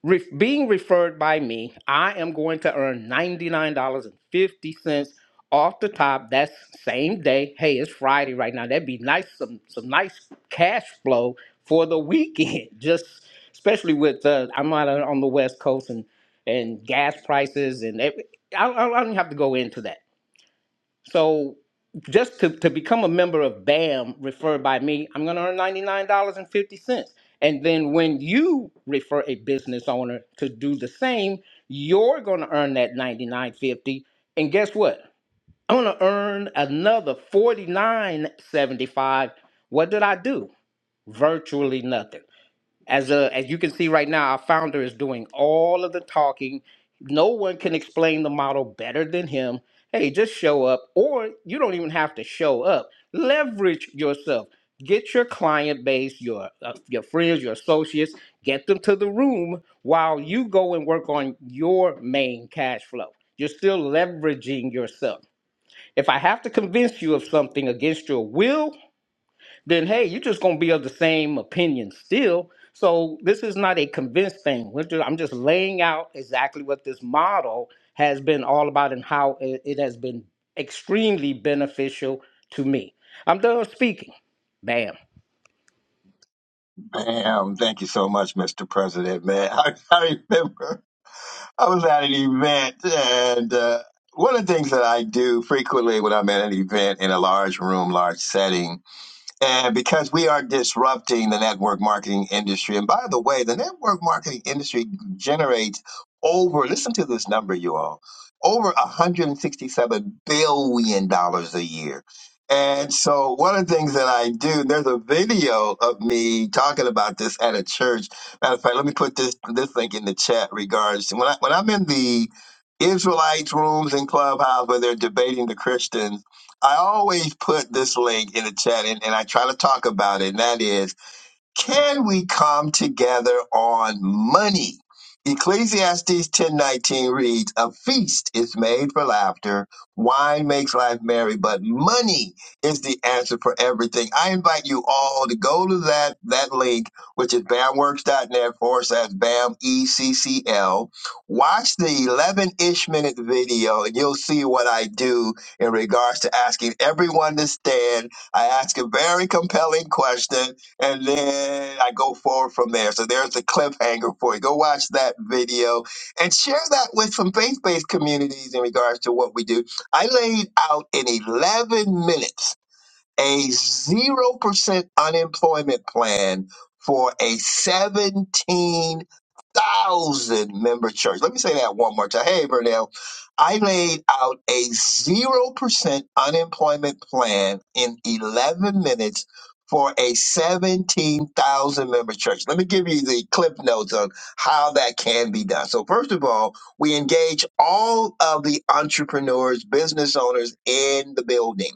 H: re- being referred by me, I am going to earn $99.50 off the top. That's same day. Hey, it's Friday right now. That'd be nice, some some nice cash flow for the weekend. [LAUGHS] Just especially with uh, I'm out on on the West Coast and and gas prices and every, I, I I don't have to go into that so just to, to become a member of BAM referred by me, I'm gonna earn $99.50. And fifty cents. And then when you refer a business owner to do the same, you're gonna earn that ninety nine fifty. And guess what? I'm gonna earn another forty nine seventy five. What did I do? Virtually nothing. As uh, as you can see right now, our founder is doing all of the talking. No one can explain the model better than him. Hey, just show up, or you don't even have to show up. Leverage yourself. Get your client base, your uh, your friends, your associates, get them to the room while you go and work on your main cash flow. You're still leveraging yourself. If I have to convince you of something against your will, then hey, you're just gonna be of the same opinion still. So this is not a convinced thing. We're ju- I'm just laying out exactly what this model has been all about and how it, it has been extremely beneficial to me. I'm done speaking. Bam.
A: Bam. Thank you so much, Mr. President, man. [LAUGHS] I, I remember. I was at an event, and uh, one of the things that I do frequently when I'm at an event in a large room, large setting and because we are disrupting the network marketing industry. And by the way, the network marketing industry generates over, listen to this number, you all, over $167 billion dollars a year. And so one of the things that I do, there's a video of me talking about this at a church. Matter of fact, let me put this this link in the chat regards to when I when I'm in the Israelites rooms in Clubhouse where they're debating the Christians I always put this link in the chat and, and I try to talk about it, and that is can we come together on money? Ecclesiastes 10:19 reads, "A feast is made for laughter, wine makes life merry, but money is the answer for everything." I invite you all to go to that that link, which is bamworks.net forward slash bam eccl. Watch the 11-ish minute video, and you'll see what I do in regards to asking everyone to stand. I ask a very compelling question and then I go forward from there. So there's the cliffhanger for you. Go watch that video and share that with some faith based communities in regards to what we do. I laid out in 11 minutes a 0% unemployment plan for a 17,000 member church. Let me say that one more time. Hey, Burnell, I laid out a 0% unemployment plan in 11 minutes for a 17,000 member church. Let me give you the clip notes on how that can be done. So, first of all, we engage all of the entrepreneurs, business owners in the building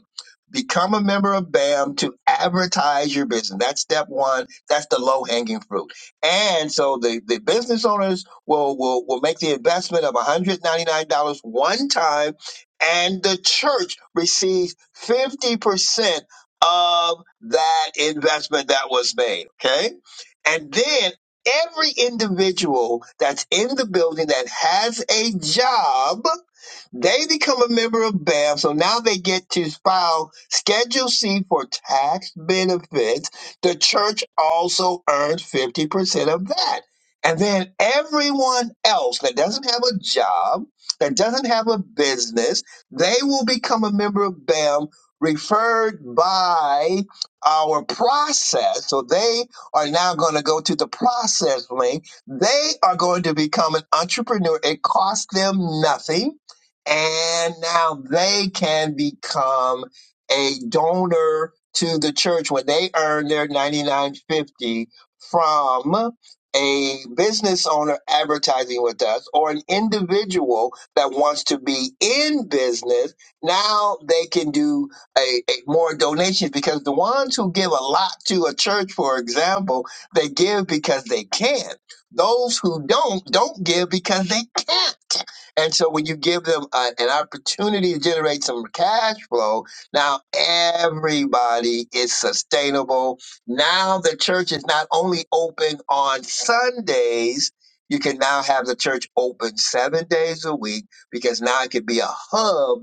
A: Become a member of BAM to advertise your business. That's step one. That's the low hanging fruit. And so the, the business owners will, will, will make the investment of $199 one time, and the church receives 50% of that investment that was made. Okay. And then every individual that's in the building that has a job they become a member of BAM, so now they get to file Schedule C for tax benefits. The church also earns 50% of that. And then everyone else that doesn't have a job, that doesn't have a business, they will become a member of BAM referred by our process. So they are now going to go to the process link. They are going to become an entrepreneur. It costs them nothing and now they can become a donor to the church when they earn their 99.50 from a business owner advertising with us or an individual that wants to be in business now they can do a, a more donations because the ones who give a lot to a church for example they give because they can those who don't don't give because they can't and so when you give them a- an opportunity to generate some cash flow, now everybody is sustainable. Now the church is not only open on Sundays, you can now have the church open seven days a week because now it could be a hub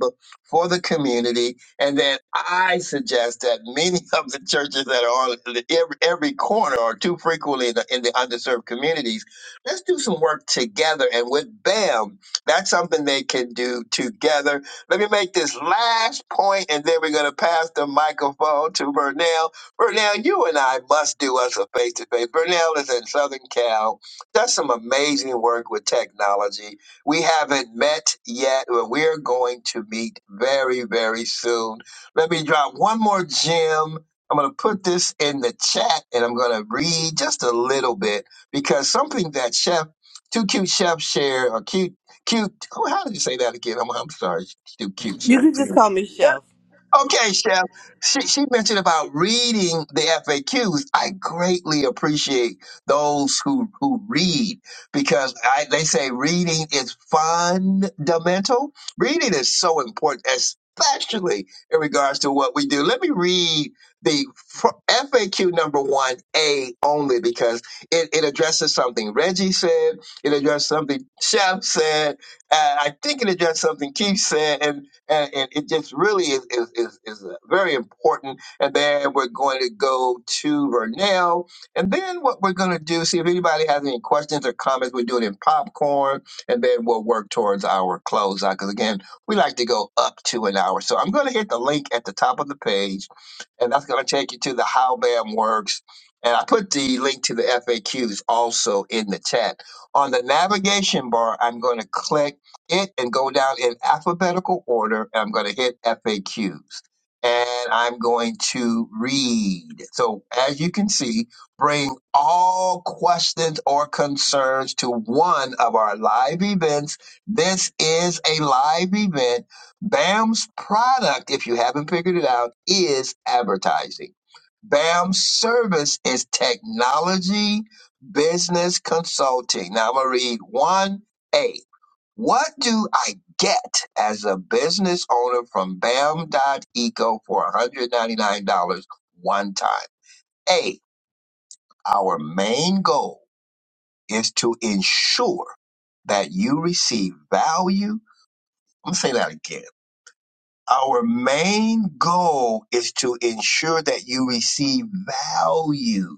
A: for the community. And then I suggest that many [LAUGHS] of the churches that are on the- every, every corner or too frequently in the, in the underserved communities, let's do some work together. And with BAM, that's something they can do together. Let me make this last point, and then we're going to pass the microphone to Vernell. Vernell, you and I must do us a face to face. Vernell is in Southern Cal, does some amazing work with technology. We haven't met yet, but we're going to meet very, very soon. Let me drop one more gem. I'm going to put this in the chat and I'm going to read just a little bit because something that Chef, 2 cute Chef shared, or Q Cute. Oh, How did you say that again? I'm, I'm sorry. Q. cute. Shut
E: You
A: up.
E: can just call me Chef.
A: Okay, Chef. She, she mentioned about reading the FAQs. I greatly appreciate those who who read because I, they say reading is fundamental. Reading is so important, especially in regards to what we do. Let me read the fr- FAQ number one A only because it, it addresses something Reggie said, it addressed something Chef said, uh, I think it addressed something Keith said, and and, and it just really is is is, is uh, very important. And then we're going to go to Vernell, and then what we're going to do, see if anybody has any questions or comments. We're doing it in popcorn, and then we'll work towards our closeout because again, we like to go up to an hour. So I'm going to hit the link at the top of the page, and that's going to take you to the How BAM works. And I put the link to the FAQs also in the chat. On the navigation bar, I'm going to click it and go down in alphabetical order. I'm going to hit FAQs and I'm going to read. So as you can see, bring all questions or concerns to one of our live events. This is a live event. BAM's product, if you haven't figured it out, is advertising. BAM's service is technology business consulting. Now I'm going to read 1A. What do I get as a business owner from BAM.eco for $199 one time? A, our main goal is to ensure that you receive value. I'm going to say that again Our main goal is to ensure that you receive value.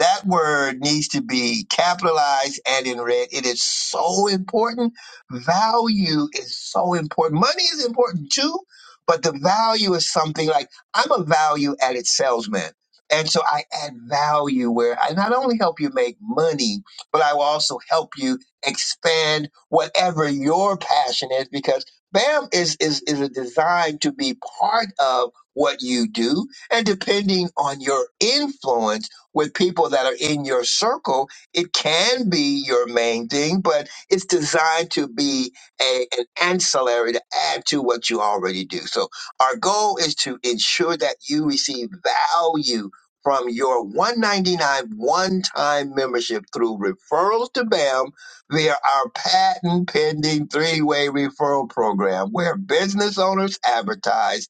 A: That word needs to be capitalized and in red. It is so important. Value is so important. Money is important too, but the value is something like I'm a value added salesman. And so I add value where I not only help you make money, but I will also help you expand whatever your passion is because BAM is, is, is designed to be part of what you do. And depending on your influence with people that are in your circle, it can be your main thing, but it's designed to be a, an ancillary to add to what you already do. So our goal is to ensure that you receive value from your 199 one-time membership through referrals to BAM via our patent pending three way referral program, where business owners advertise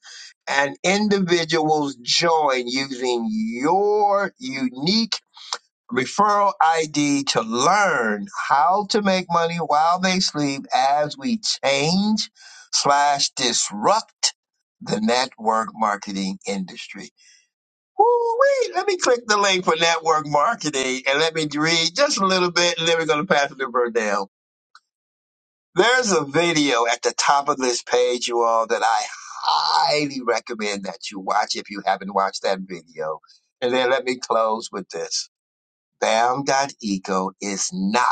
A: and individuals join using your unique referral ID to learn how to make money while they sleep as we change slash disrupt the network marketing industry. Woo wee! Let me click the link for network marketing and let me read just a little bit and then we're going to pass it to Burdell. There's a video at the top of this page, you all, that I highly recommend that you watch if you haven't watched that video. And then let me close with this. BAM.eco is not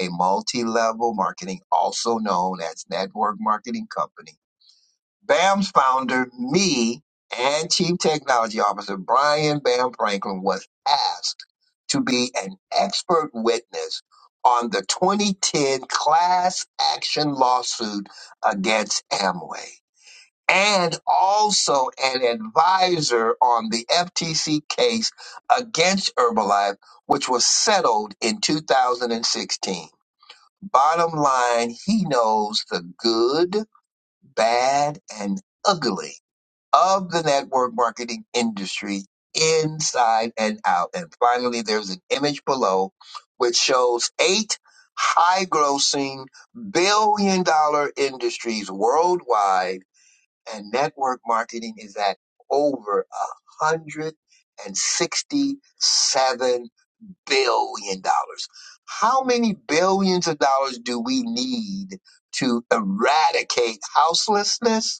A: a multi-level marketing, also known as network marketing company. BAM's founder, me, and Chief Technology Officer Brian Bam Franklin was asked to be an expert witness on the 2010 class action lawsuit against Amway and also an advisor on the FTC case against Herbalife, which was settled in 2016. Bottom line, he knows the good, bad, and ugly of the network marketing industry inside and out. And finally, there's an image below which shows eight high grossing billion dollar industries worldwide. And network marketing is at over a hundred and sixty seven billion dollars. How many billions of dollars do we need to eradicate houselessness?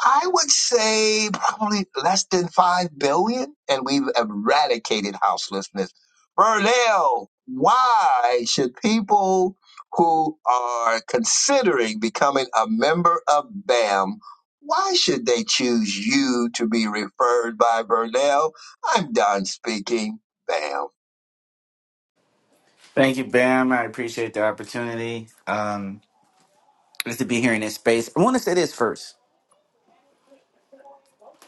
A: I would say probably less than 5 billion, and we've eradicated houselessness. Burnell, why should people who are considering becoming a member of BAM, why should they choose you to be referred by Burnell? I'm done speaking. BAM.
I: Thank you, Bam. I appreciate the opportunity. Um, just to be here in this space. I want to say this first.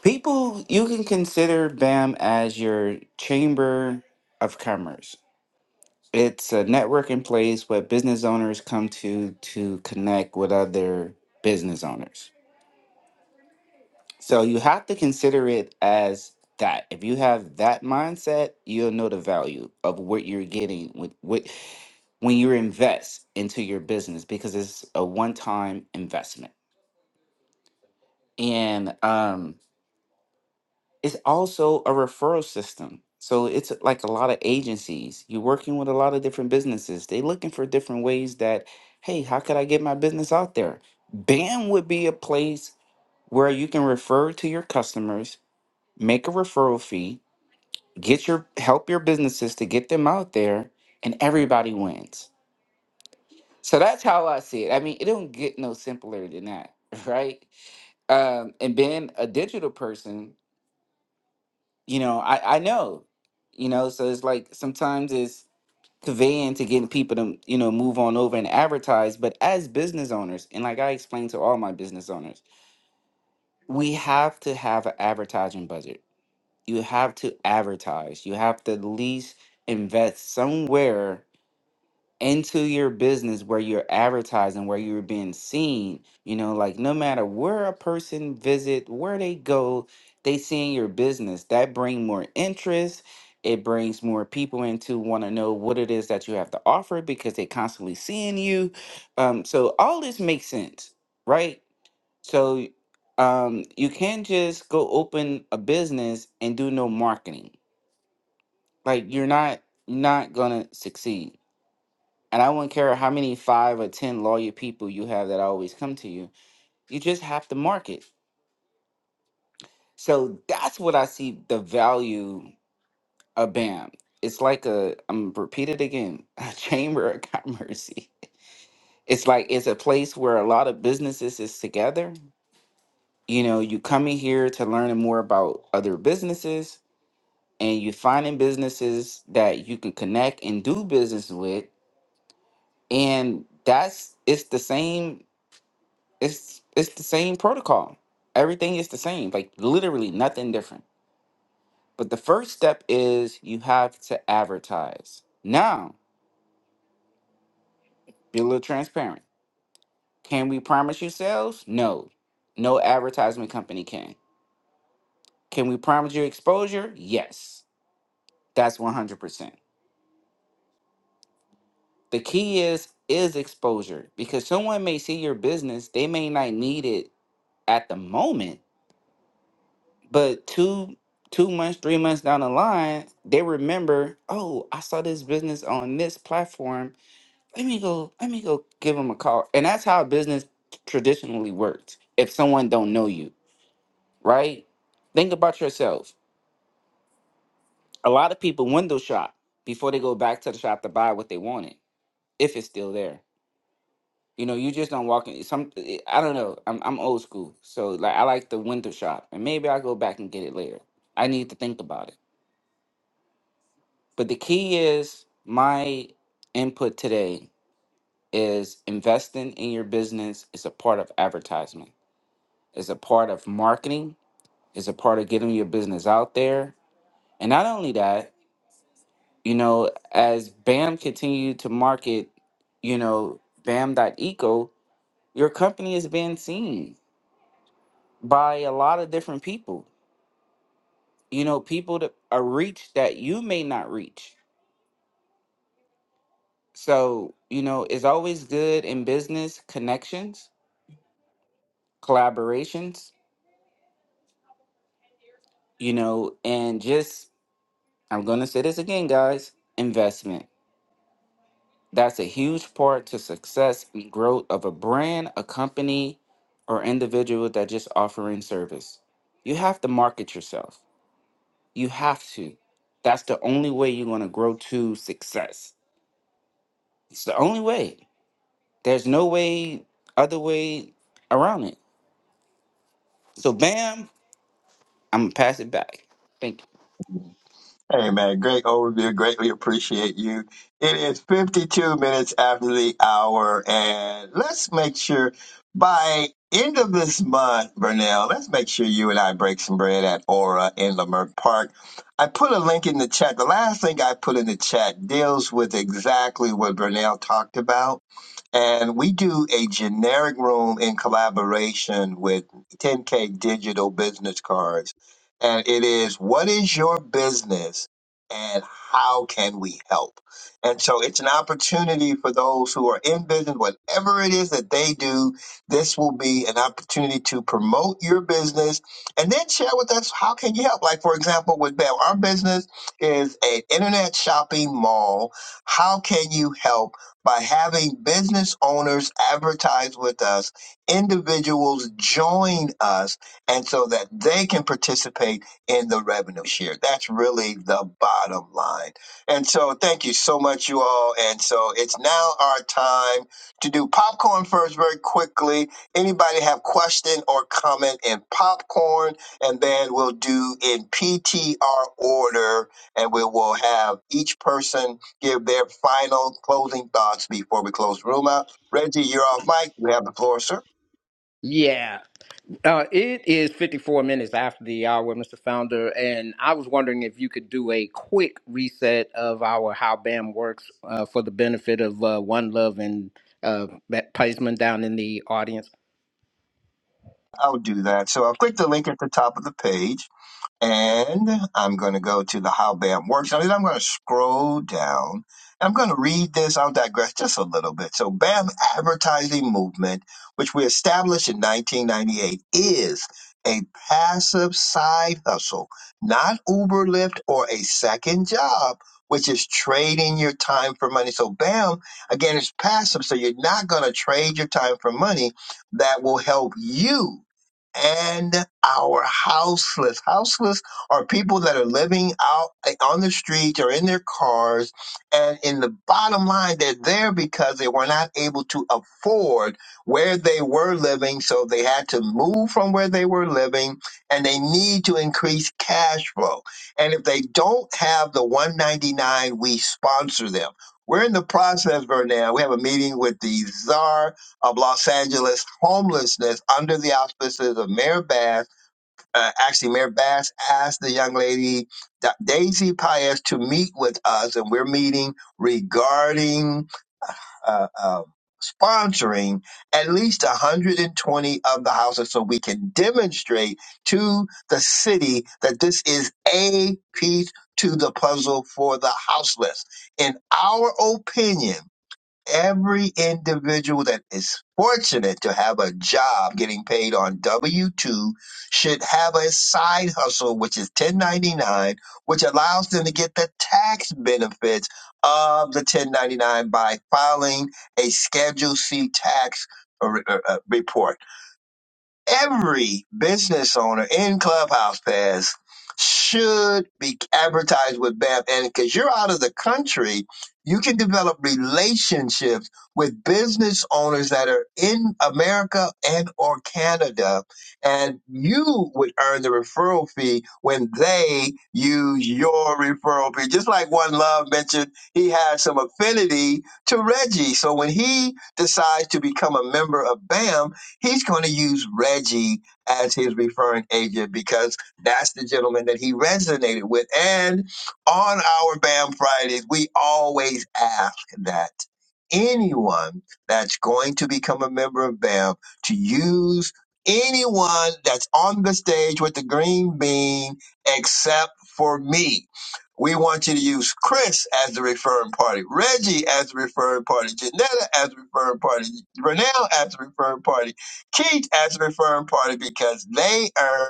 I: People, you can consider BAM as your chamber of commerce. It's a networking place where business owners come to to connect with other business owners. So you have to consider it as that. If you have that mindset, you'll know the value of what you're getting with what when you invest into your business because it's a one-time investment and um, it's also a referral system. So it's like a lot of agencies. You're working with a lot of different businesses. They looking for different ways that, hey, how could I get my business out there? BAM would be a place where you can refer to your customers, make a referral fee, get your help your businesses to get them out there, and everybody wins. So that's how I see it. I mean, it don't get no simpler than that, [LAUGHS] right? Um, and being a digital person, you know i i know you know so it's like sometimes it's conveying to getting people to you know move on over and advertise but as business owners and like i explained to all my business owners we have to have an advertising budget you have to advertise you have to at least invest somewhere into your business where you're advertising, where you're being seen. You know, like no matter where a person visit, where they go, they seeing your business. That bring more interest. It brings more people in to want to know what it is that you have to offer because they constantly seeing you. Um, so all this makes sense, right? So um, you can't just go open a business and do no marketing. Like you're not not gonna succeed. And I wouldn't care how many five or ten lawyer people you have that always come to you. You just have to market. So that's what I see the value of BAM. It's like a I'm repeat it again, [LAUGHS] a chamber of commerce. It's like it's a place where a lot of businesses is together. You know, you come in here to learn more about other businesses and you finding businesses that you can connect and do business with. And that's it's the same It's it's the same protocol. Everything is the same, like literally nothing different. But the first step is you have to advertise. Now, be a little transparent. Can we promise you sales? No. No advertisement company can. Can we promise you exposure? Yes. That's 100%. The key is is exposure because someone may see your business, they may not need it at the moment, But two two months, three months down the line, they remember, oh, I saw this business on this platform. Let me go, let me go give them a call. And that's how business traditionally worked. If someone don't know you, right? Think about yourself. A lot of people window shop before they go back to the shop to buy what they wanted, if it's still there. You know, you just don't walk in. Some I don't know. I'm I'm old school, so like I like the window shop, and maybe I'll go back and get it later. I need to think about it. But the key is my input today is investing in your business is a part of advertisement, is a part of marketing, is a part of getting your business out there. And not only that, you know, as BAM continued to market, you know, BAM.eco, your company is being seen by a lot of different people. You know, people that are reached that you may not reach. So, you know, it's always good in business connections collaborations, you know, and just, I'm going to say this again, guys investment. That's a huge part to success and growth of a brand, a company, or individual that just offering service. You have to market yourself. You have to. That's the only way you're going to grow to success. It's the only way. There's no way, other way around it. So, bam, I'm going to pass it back. Thank you.
A: Hey man, Great overview. Greatly appreciate you. It is 52 minutes after the hour, and let's make sure by end of this month, Vernell, let's make sure you and I break some bread at Aura in Lamert Park. I put a link in the chat. The last thing I put in the chat deals with exactly what Vernell talked about and we do a generic room in collaboration with 10K Digital Business Cards. And it is what is your business and how can we help? And so it's an opportunity for those who are in business, whatever it is that they do, this will be an opportunity to promote your business and then share with us how can you help? Like for example, with Bell, our business is an internet shopping mall. How can you help? by having business owners advertise with us, individuals join us, and so that they can participate in the revenue share. That's really the bottom line. And so, thank you so much, you all. And so, it's now our time to do popcorn first, very quickly. Anybody have question or comment in popcorn, and then we'll do in PTR order, and we will have each person give their final closing thoughts before we close the room out. Reggie, you're off mic. You have the floor, sir.
H: Yeah, uh, it is 54 minutes after the hour, Mr. Founder, and I was wondering if you could do a quick reset of our How BAM works uh, for the benefit of uh, One Love and uh, that Paisman down in the audience.
A: I'll do that. So I'll click the link at the top of the page. And I'm going to go to the How BAM Works. And then I'm going to scroll down. And I'm going to read this. I'll digress just a little bit. So, BAM advertising movement, which we established in 1998, is a passive side hustle, not Uber, Lyft, or a second job, which is trading your time for money. So, BAM, again, is passive. So, you're not going to trade your time for money that will help you and our houseless. Houseless are people that are living out eh, on the streets or in their cars. And in the bottom line, they're there because they were not able to afford where they were living. So they had to move from where they were living and they need to increase cash flow. And if they don't have the 199, we sponsor them. We're in the process right now. We have a meeting with the czar of Los Angeles homelessness under the auspices of Mayor Bass. Uh, actually, Mayor Bass asked the young lady, Da- Daisy Paez, to meet with us, and we're meeting regarding uh, uh, sponsoring at least 120 of the houses so we can demonstrate to the city that this is a piece to the puzzle for the houseless. In our opinion, every individual that is fortunate to have a job getting paid on W 2 should have a side hustle, which is 1099, which allows them to get the tax benefits of the 1099 by filing a Schedule C tax uh, re- uh, uh, report every business owner in Clubhouse Pass should be advertised with BAM. And because you're out of the country, you can develop relationships with business owners that are in America and or Canada. And you would earn the referral fee when they use your referral fee. Just like One Love mentioned, he has some affinity to Reggie. So when he decides to become a member of BAM, He's going to use Reggie as his referring agent because that's the gentleman that he resonated with. And on our BAM Fridays, we always ask that anyone that's going to become a member of BAM to use anyone that's on the stage with the green bean except for me. We want you to use Chris as the referring party, Reggie as the referring party, Janetta as the referring party, Renell as the referring party treat as a referring party because they earn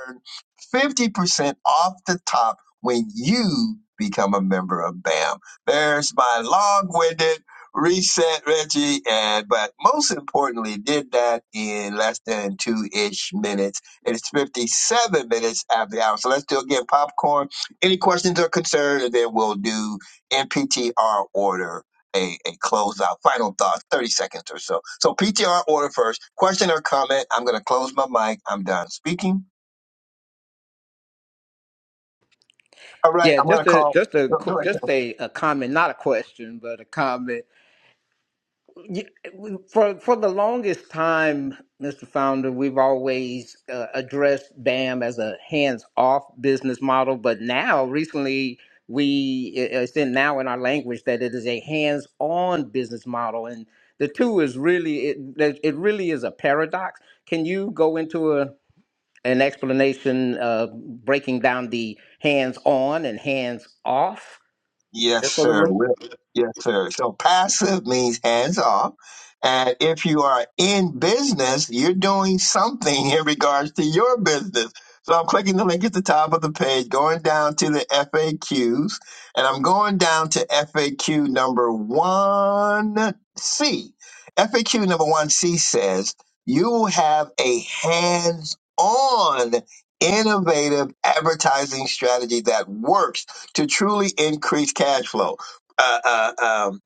A: 50% off the top when you become a member of BAM. There's my long-winded reset, Reggie, and but most importantly, did that in less than two-ish minutes. It's 57 minutes after the hour. So let's do again popcorn. Any questions or concerns, and then we'll do in PTR order. A, a closeout, final thoughts, 30 seconds or so. So PTR order first. Question or comment? I'm going to close my mic. I'm done speaking. All right,
H: Yeah,
A: I'm going to
H: just a
A: call.
H: just a
A: No,
H: qu-
A: go ahead.
H: just a, a comment, not a question, but a comment. Y- For for the longest time, Mr. Founder, we've always uh, addressed BAM as a hands-off business model, but now recently we it- it's in now in our language that it is a hands-on business model, and the two is really it that- it really is a paradox. Can you go into a an explanation uh, breaking down the hands-on and hands-off?
A: Yes,
H: Just for the
A: sir.
H: room.
A: Re- Yes, sir. So passive means hands off. And if you are in business, you're doing something in regards to your business. So I'm clicking the link at the top of the page, going down to the FAQs, and I'm going down to FAQ number 1C. FAQ number 1C says, you will have a hands-on innovative advertising strategy that works to truly increase cash flow. Uh, uh, um,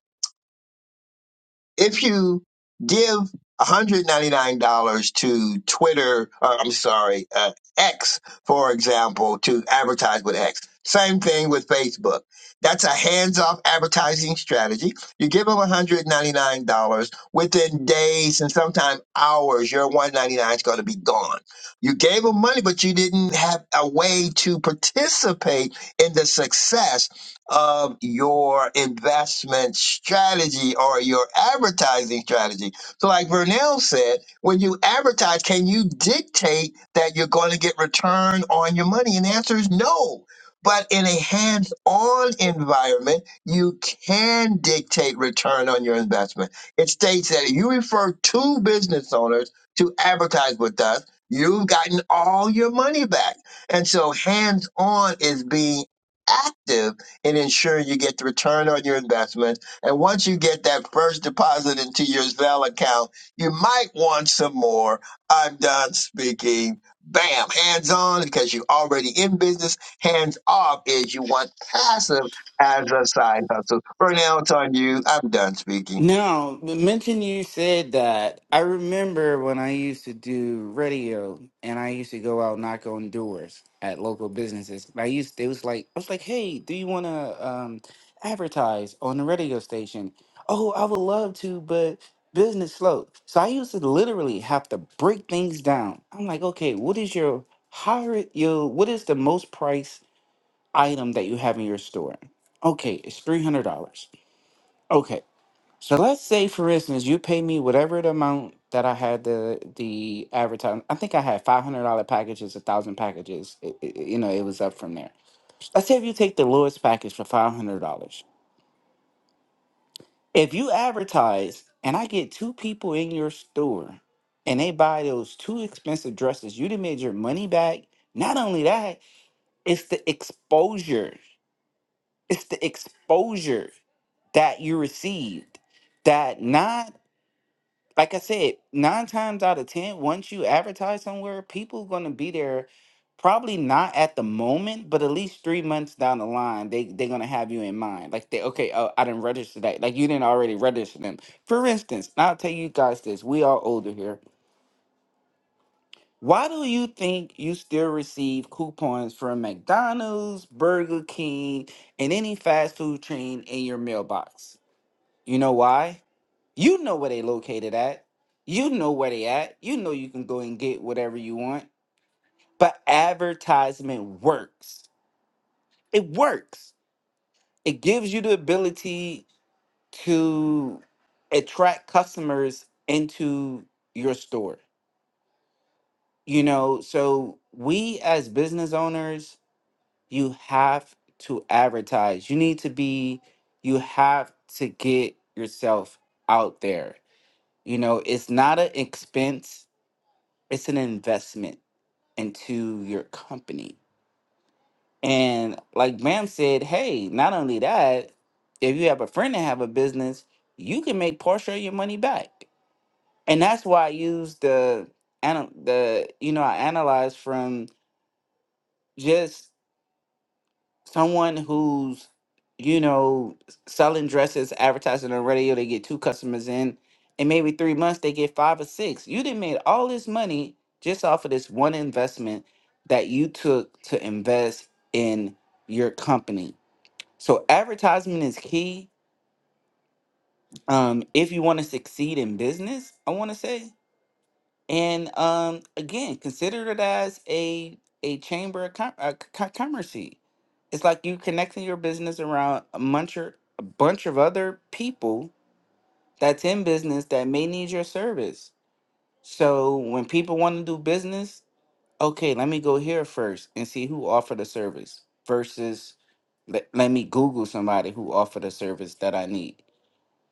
A: if you give $199 to Twitter, uh, I'm sorry, uh, X, for example, to advertise with X, same thing with Facebook. That's a hands off advertising strategy. You give them $199 within days and sometimes hours, your $199 is going to be gone. You gave them money, but you didn't have a way to participate in the success of your investment strategy or your advertising strategy. So, like Vernell said, when you advertise, can you dictate that you're going to get return on your money? And the answer is no. But in a hands on environment, you can dictate return on your investment. It states that if you refer two business owners to advertise with us, you've gotten all your money back. And so hands on is being active and ensure you get the return on your investment. And once you get that first deposit into your Zelle account, you might want some more. I'm done speaking. Bam, hands on because you're already in business. Hands off is you want passive as a side hustle. Burnell, it's on you. I'm done speaking.
I: No, but mention you said that. I remember when I used to do radio and I used to go out knock on doors at local businesses. I used they was like I was like, "Hey, do you want to um advertise on the radio station?" "Oh, I would love to, but business slow." So I used to literally have to break things down. I'm like, "Okay, what is your higher your what is the most price item that you have in your store?" "Okay, it's $300." "Okay, so let's say, for instance, you pay me whatever the amount that I had the the advertising. I think I had five hundred dollar packages, a thousand packages. It, it, you know, it was up from there. Let's say if you take the lowest package for five hundred dollars. If you advertise and I get two people in your store and they buy those two expensive dresses, you done made your money back. Not only that, it's the exposure. It's the exposure that you received. That not like I said, nine times out of ten, once you advertise somewhere, people gonna be there probably not at the moment, but at least three months down the line, they they're gonna have you in mind. Like they okay, oh, I didn't register that. Like you didn't already register them. For instance, and I'll tell you guys this, we are older here. Why do you think you still receive coupons from McDonald's, Burger King, and any fast food chain in your mailbox? You know why? You know where they located at. You know where they at. You know you can go and get whatever you want. But advertisement works. It works. It gives you the ability to attract customers into your store. You know, so we as business owners, you have to advertise. You need to be you have to get yourself out there. You know, it's not an expense it's an investment into your company. And like Bam said, hey, not only that, if you have a friend that have a business, you can make partial of your money back. And that's why I use the ana- the you know I analyze from just someone who's you know selling dresses advertising on the radio they get two customers in and maybe three months they get five or six you didn't made all this money just off of this one investment that you took to invest in your company so advertisement is key um, if you want to succeed in business i want to say and um, again, consider it as a a chamber of com- uh, co- commerce. It's like you connecting your business around a bunch of, a bunch of other people that's in business that may need your service. So when people want to do business, okay, let me go here first and see who offered the service versus let, let me Google somebody who offered a service that I need.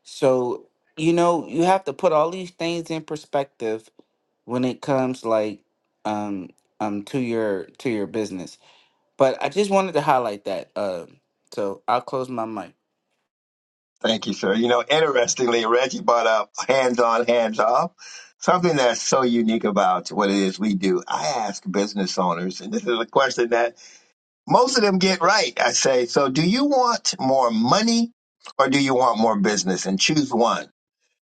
I: So, you know, you have to put all these things in perspective when it comes like um um to your to your business. But I just wanted to highlight that. Um so I'll close my mic.
A: Thank you, sir. You know, interestingly, Reggie brought up hands on, hands off. Something that's so unique about what it is we do. I ask business owners, and this is a question that most of them get right. I say, so do you want more money or do you want more business? And choose one.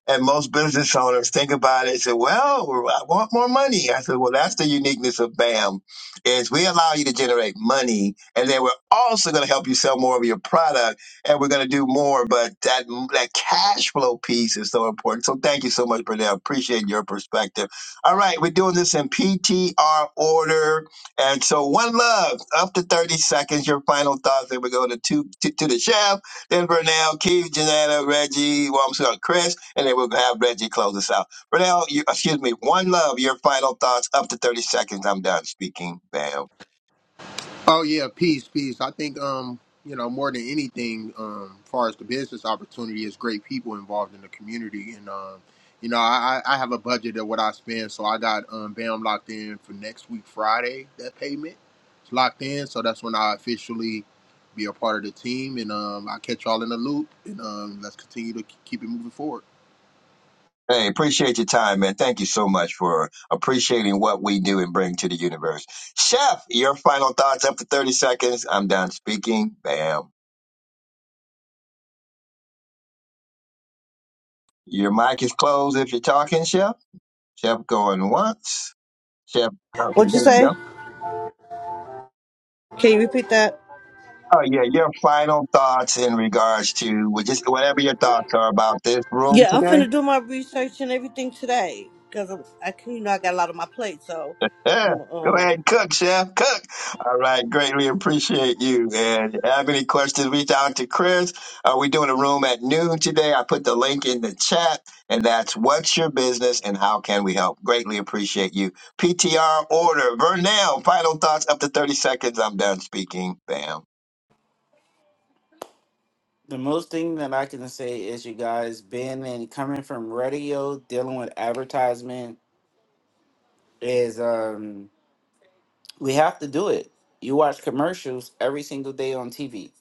A: And most business owners think about it and say, well, I want more money. I said, well, that's the uniqueness of BAM is we allow you to generate money and then we're also going to help you sell more of your product and we're going to do more. But that, that cash flow piece is so important. So thank you so much, Brunel. Appreciate your perspective. All right. We're doing this in PTR order. And so one love up to 30 seconds, your final thoughts. Then we go to two, to, to the chef then Burnell, Keith, Janetta, Reggie. Well, I'm going to Chris, and then we'll have Reggie close us out. Burnell, you, excuse me. One love. Your final thoughts up to 30 seconds. I'm done speaking. Bam.
B: Oh yeah, peace, peace. I think um, you know, more than anything, um, far as the business opportunity is great people involved in the community and um you know, I, I I have a budget of what I spend, so I got um BAM locked in for next week Friday, that payment. It's locked in, so that's when I officially be a part of the team and um I catch y'all in the loop and um let's continue to k- keep it moving forward.
A: Hey, appreciate your time, man. Thank you so much for appreciating what we do and bring to the universe. Chef, your final thoughts up to 30 seconds. I'm done speaking. Bam. Your mic is closed if you're talking, Chef. Chef going once. Chef, okay,
E: What you
A: there you go.
E: say? Can you repeat that?
A: Oh yeah, your final thoughts in regards to well, just whatever your thoughts are about this room
E: Yeah, I'm
A: today.
E: finna do my research and everything today because I can, you know, I got a lot on my plate, so
A: Yeah,
E: I'm
A: go
E: um
A: ahead, and cook, chef, cook. All right, greatly appreciate you. And if you have any questions, reach out to Chris. Uh, we're doing a room at noon today. I put the link in the chat, and that's what's your business and how can we help. Greatly appreciate you. PTR order. Vernell, final thoughts up to thirty seconds. I'm done speaking. Bam.
I: The most thing that I can say is you guys being and coming from radio, dealing with advertisement is um we have to do it. You watch commercials every single day on TV.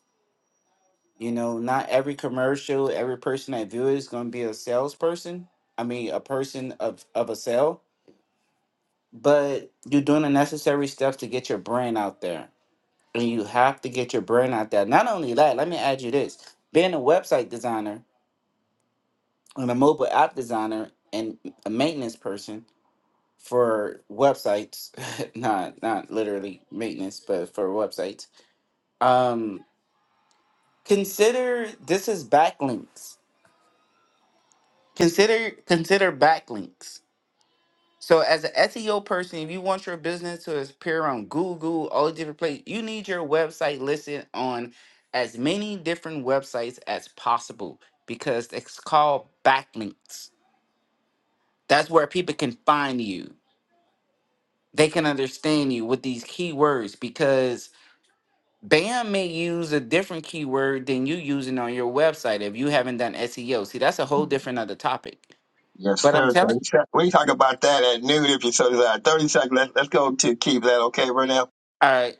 I: You know, not every commercial, every person that views is is gonna be a salesperson. I mean a person of of a sale but you're doing the necessary steps to get your brand out there. And you have to get your brand out there. Not only that, let me add you this being a website designer and a mobile app designer and a maintenance person for websites, [LAUGHS] not not literally maintenance, but for websites. Um consider this is backlinks. Consider consider backlinks So as an SEO person, if you want your business to appear on Google, all the different places, you need your website listed on as many different websites as possible because it's called backlinks. That's where people can find you. They can understand you with these keywords because BAM may use a different keyword than you using on your website if you haven't done SEO. See, that's a whole different other topic.
A: Yes,
I: But I'm
A: sir.
I: telling
A: 30 sec- We can talk about that at noon if you so desire. 30 seconds. Let's, let's go to Keith. That okay, Vernell?
I: all right.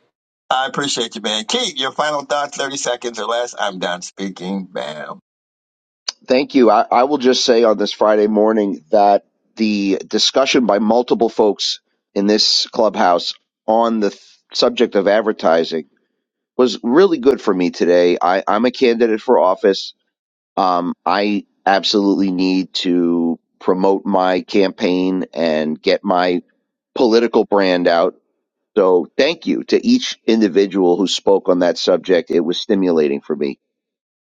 A: I appreciate you, man. Keith, your final thoughts, 30 seconds or less. I'm done speaking. Bam.
G: Thank you. I, I will just say on this Friday morning that the discussion by multiple folks in this clubhouse on the th- subject of advertising was really good for me today. I, I'm a candidate for office. Um, I absolutely need to promote my campaign and get my political brand out. So thank you to each individual who spoke on that subject. It was stimulating for me.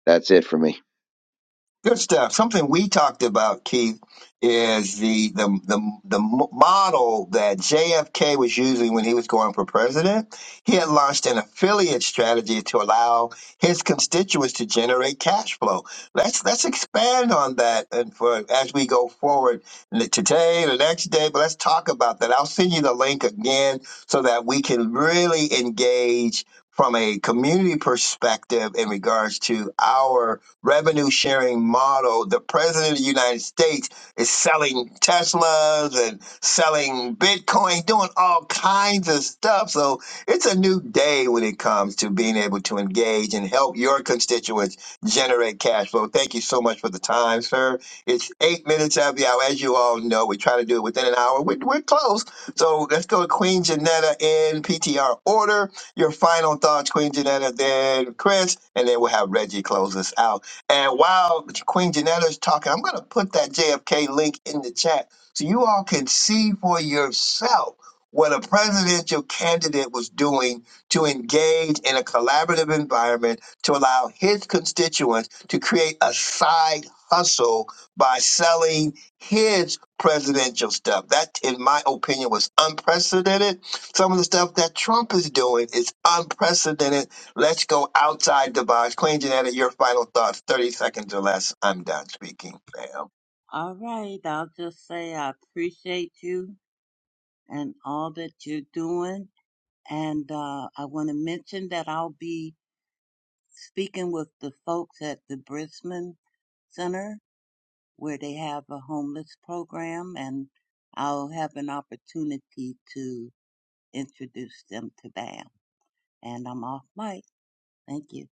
G: That's it for me.
A: Good stuff. Something we talked about, Keith, is the the the, the m- model that JFK was using when he was going for president. He had launched an affiliate strategy to allow his constituents to generate cash flow. Let's let's expand on that and for as we go forward n- today, the next day. But let's talk about that. I'll send you the link again so that we can really engage from a community perspective in regards to our revenue sharing model, the president of the United States is selling Teslas and selling Bitcoin, doing all kinds of stuff. So it's a new day when it comes to being able to engage and help your constituents generate cash flow. Thank you so much for the time, sir. It's eight minutes of the hour. As you all know, we try to do it within an hour. We're, we're close. So let's go to Queen Janetta in PTR order your final thoughts, Queen Janetta, then Chris, and then we'll have Reggie close us out. And while Queen Janetta is talking, I'm going to put that JFK link in the chat so you all can see for yourself what a presidential candidate was doing to engage in a collaborative environment to allow his constituents to create a side hustle by selling his presidential stuff. That, in my opinion, was unprecedented. Some of the stuff that Trump is doing is unprecedented Let's go outside the box. Queen genetic, your final thoughts, 30 seconds or less. I'm done speaking, ma'am.
C: All right. I'll just say I appreciate you and all that you're doing. And uh, I want to mention that I'll be speaking with the folks at the Brisbane Center where they have a homeless program, and I'll have an opportunity to introduce them to BAM. And I'm off mic. Thank you.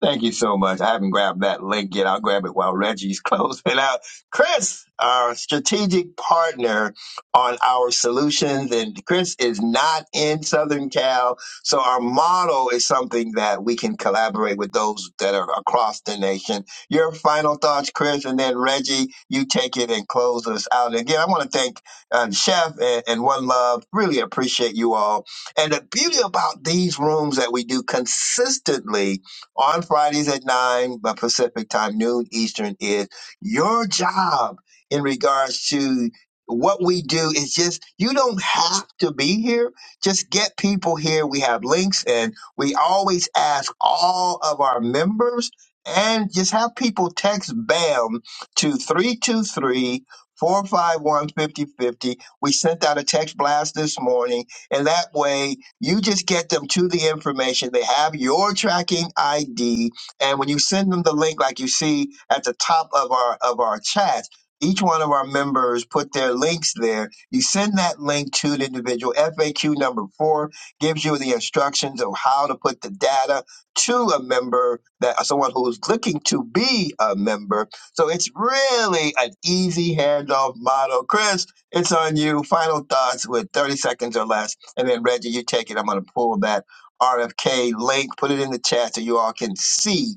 A: Thank you so much. I haven't grabbed that link yet. I'll grab it while Reggie's [LAUGHS] closing out. Chris, our strategic partner on our solutions, and Chris is not in Southern Cal. So our model is something that we can collaborate with those that are across the nation. Your final thoughts, Chris, and then Reggie, you take it and close us out. And again, I want to thank uh, Chef and, and One Love. Really appreciate you all. And the beauty about these rooms that we do consistently on Fridays at 9 by Pacific time, noon Eastern is your job in regards to what we do is just you don't have to be here just get people here we have links and we always ask all of our members and just have people text bam to three two three four five one fifty fifty. we sent out a text blast this morning and that way you just get them to the information. They have your tracking ID, and when you send them the link, like you see at the top of our of our chat, each one of our members put their links there. You send that link to the individual. FAQ number four gives you the instructions of how to put the data to a member that someone who's looking to be a member. So it's really an easy handoff model. Chris, it's on you. Final thoughts with 30 seconds or less. And then Reggie, you take it. I'm going to pull that RFK link, put it in the chat so you all can see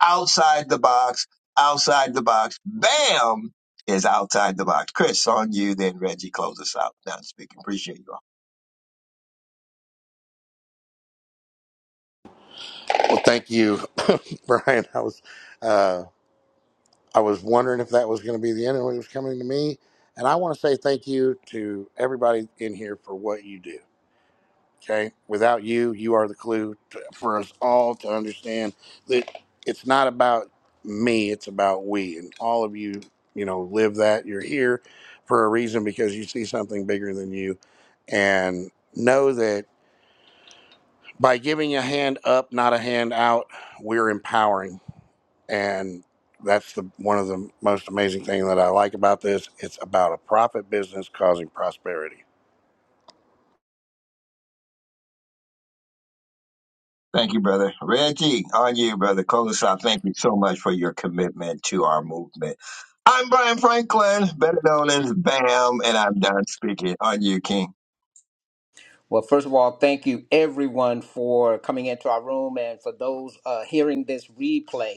A: outside the box, outside the box. Bam is outside the box. Chris, on you. Then Reggie, close us out. Now speaking. Appreciate you all.
D: Well, thank you, [LAUGHS] Brian. I was, uh, I was wondering if that was going to be the end of what was coming to me, and I want to say thank you to everybody in here for what you do. Okay. Without you, you are the clue to, for us all to understand that it's not about me, it's about we. And all of you, you know, live that. You're here for a reason because you see something bigger than you. And know that by giving a hand up, not a hand out, we're empowering. And that's the one of the most amazing thing that I like about this. It's about a profit business causing prosperity.
A: Thank you, brother. Reggie, on you, brother. Close us out. Thank you so much for your commitment to our movement. I'm Brian Franklin, better known as BAM, and I'm done speaking. On you, King.
H: Well, first of all, thank you everyone for coming into our room and for those uh, hearing this replay.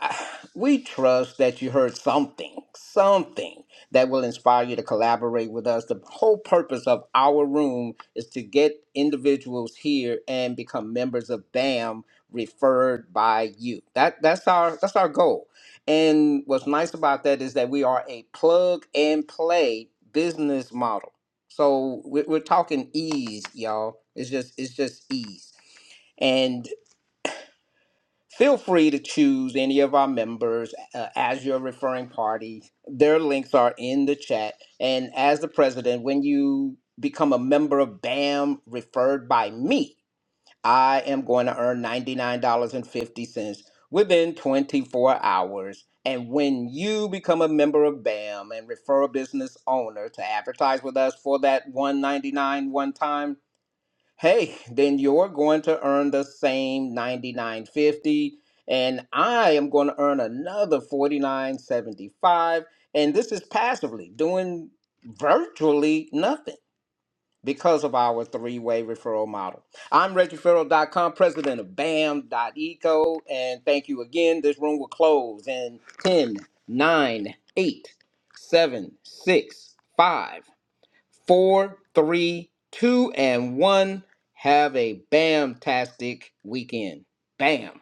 H: [SIGHS] We trust that you heard something, something that will inspire you to collaborate with us. The whole purpose of our room is to get individuals here and become members of BAM referred by you. That that's our that's our goal. And what's nice about that is that we are a plug and play business model. So we're, we're talking ease, y'all. It's just it's just ease. and. Feel free to choose any of our members uh, as your referring party. Their links are in the chat. And as the president, when you become a member of BAM referred by me, I am going to earn $99.50 within 24 hours. And when you become a member of BAM and refer a business owner to advertise with us for that 199 one time, hey, then you're going to earn the same 99.50 and I am going to earn another 49.75 and this is passively doing virtually nothing because of our three-way referral model. I'm Reggie ferrell dot com president of Bam dot Eco, and thank you again. This room will close in 10, 9, 8, 7, 6, 5 four, three, two, and one. Have a bam tastic weekend. Bam.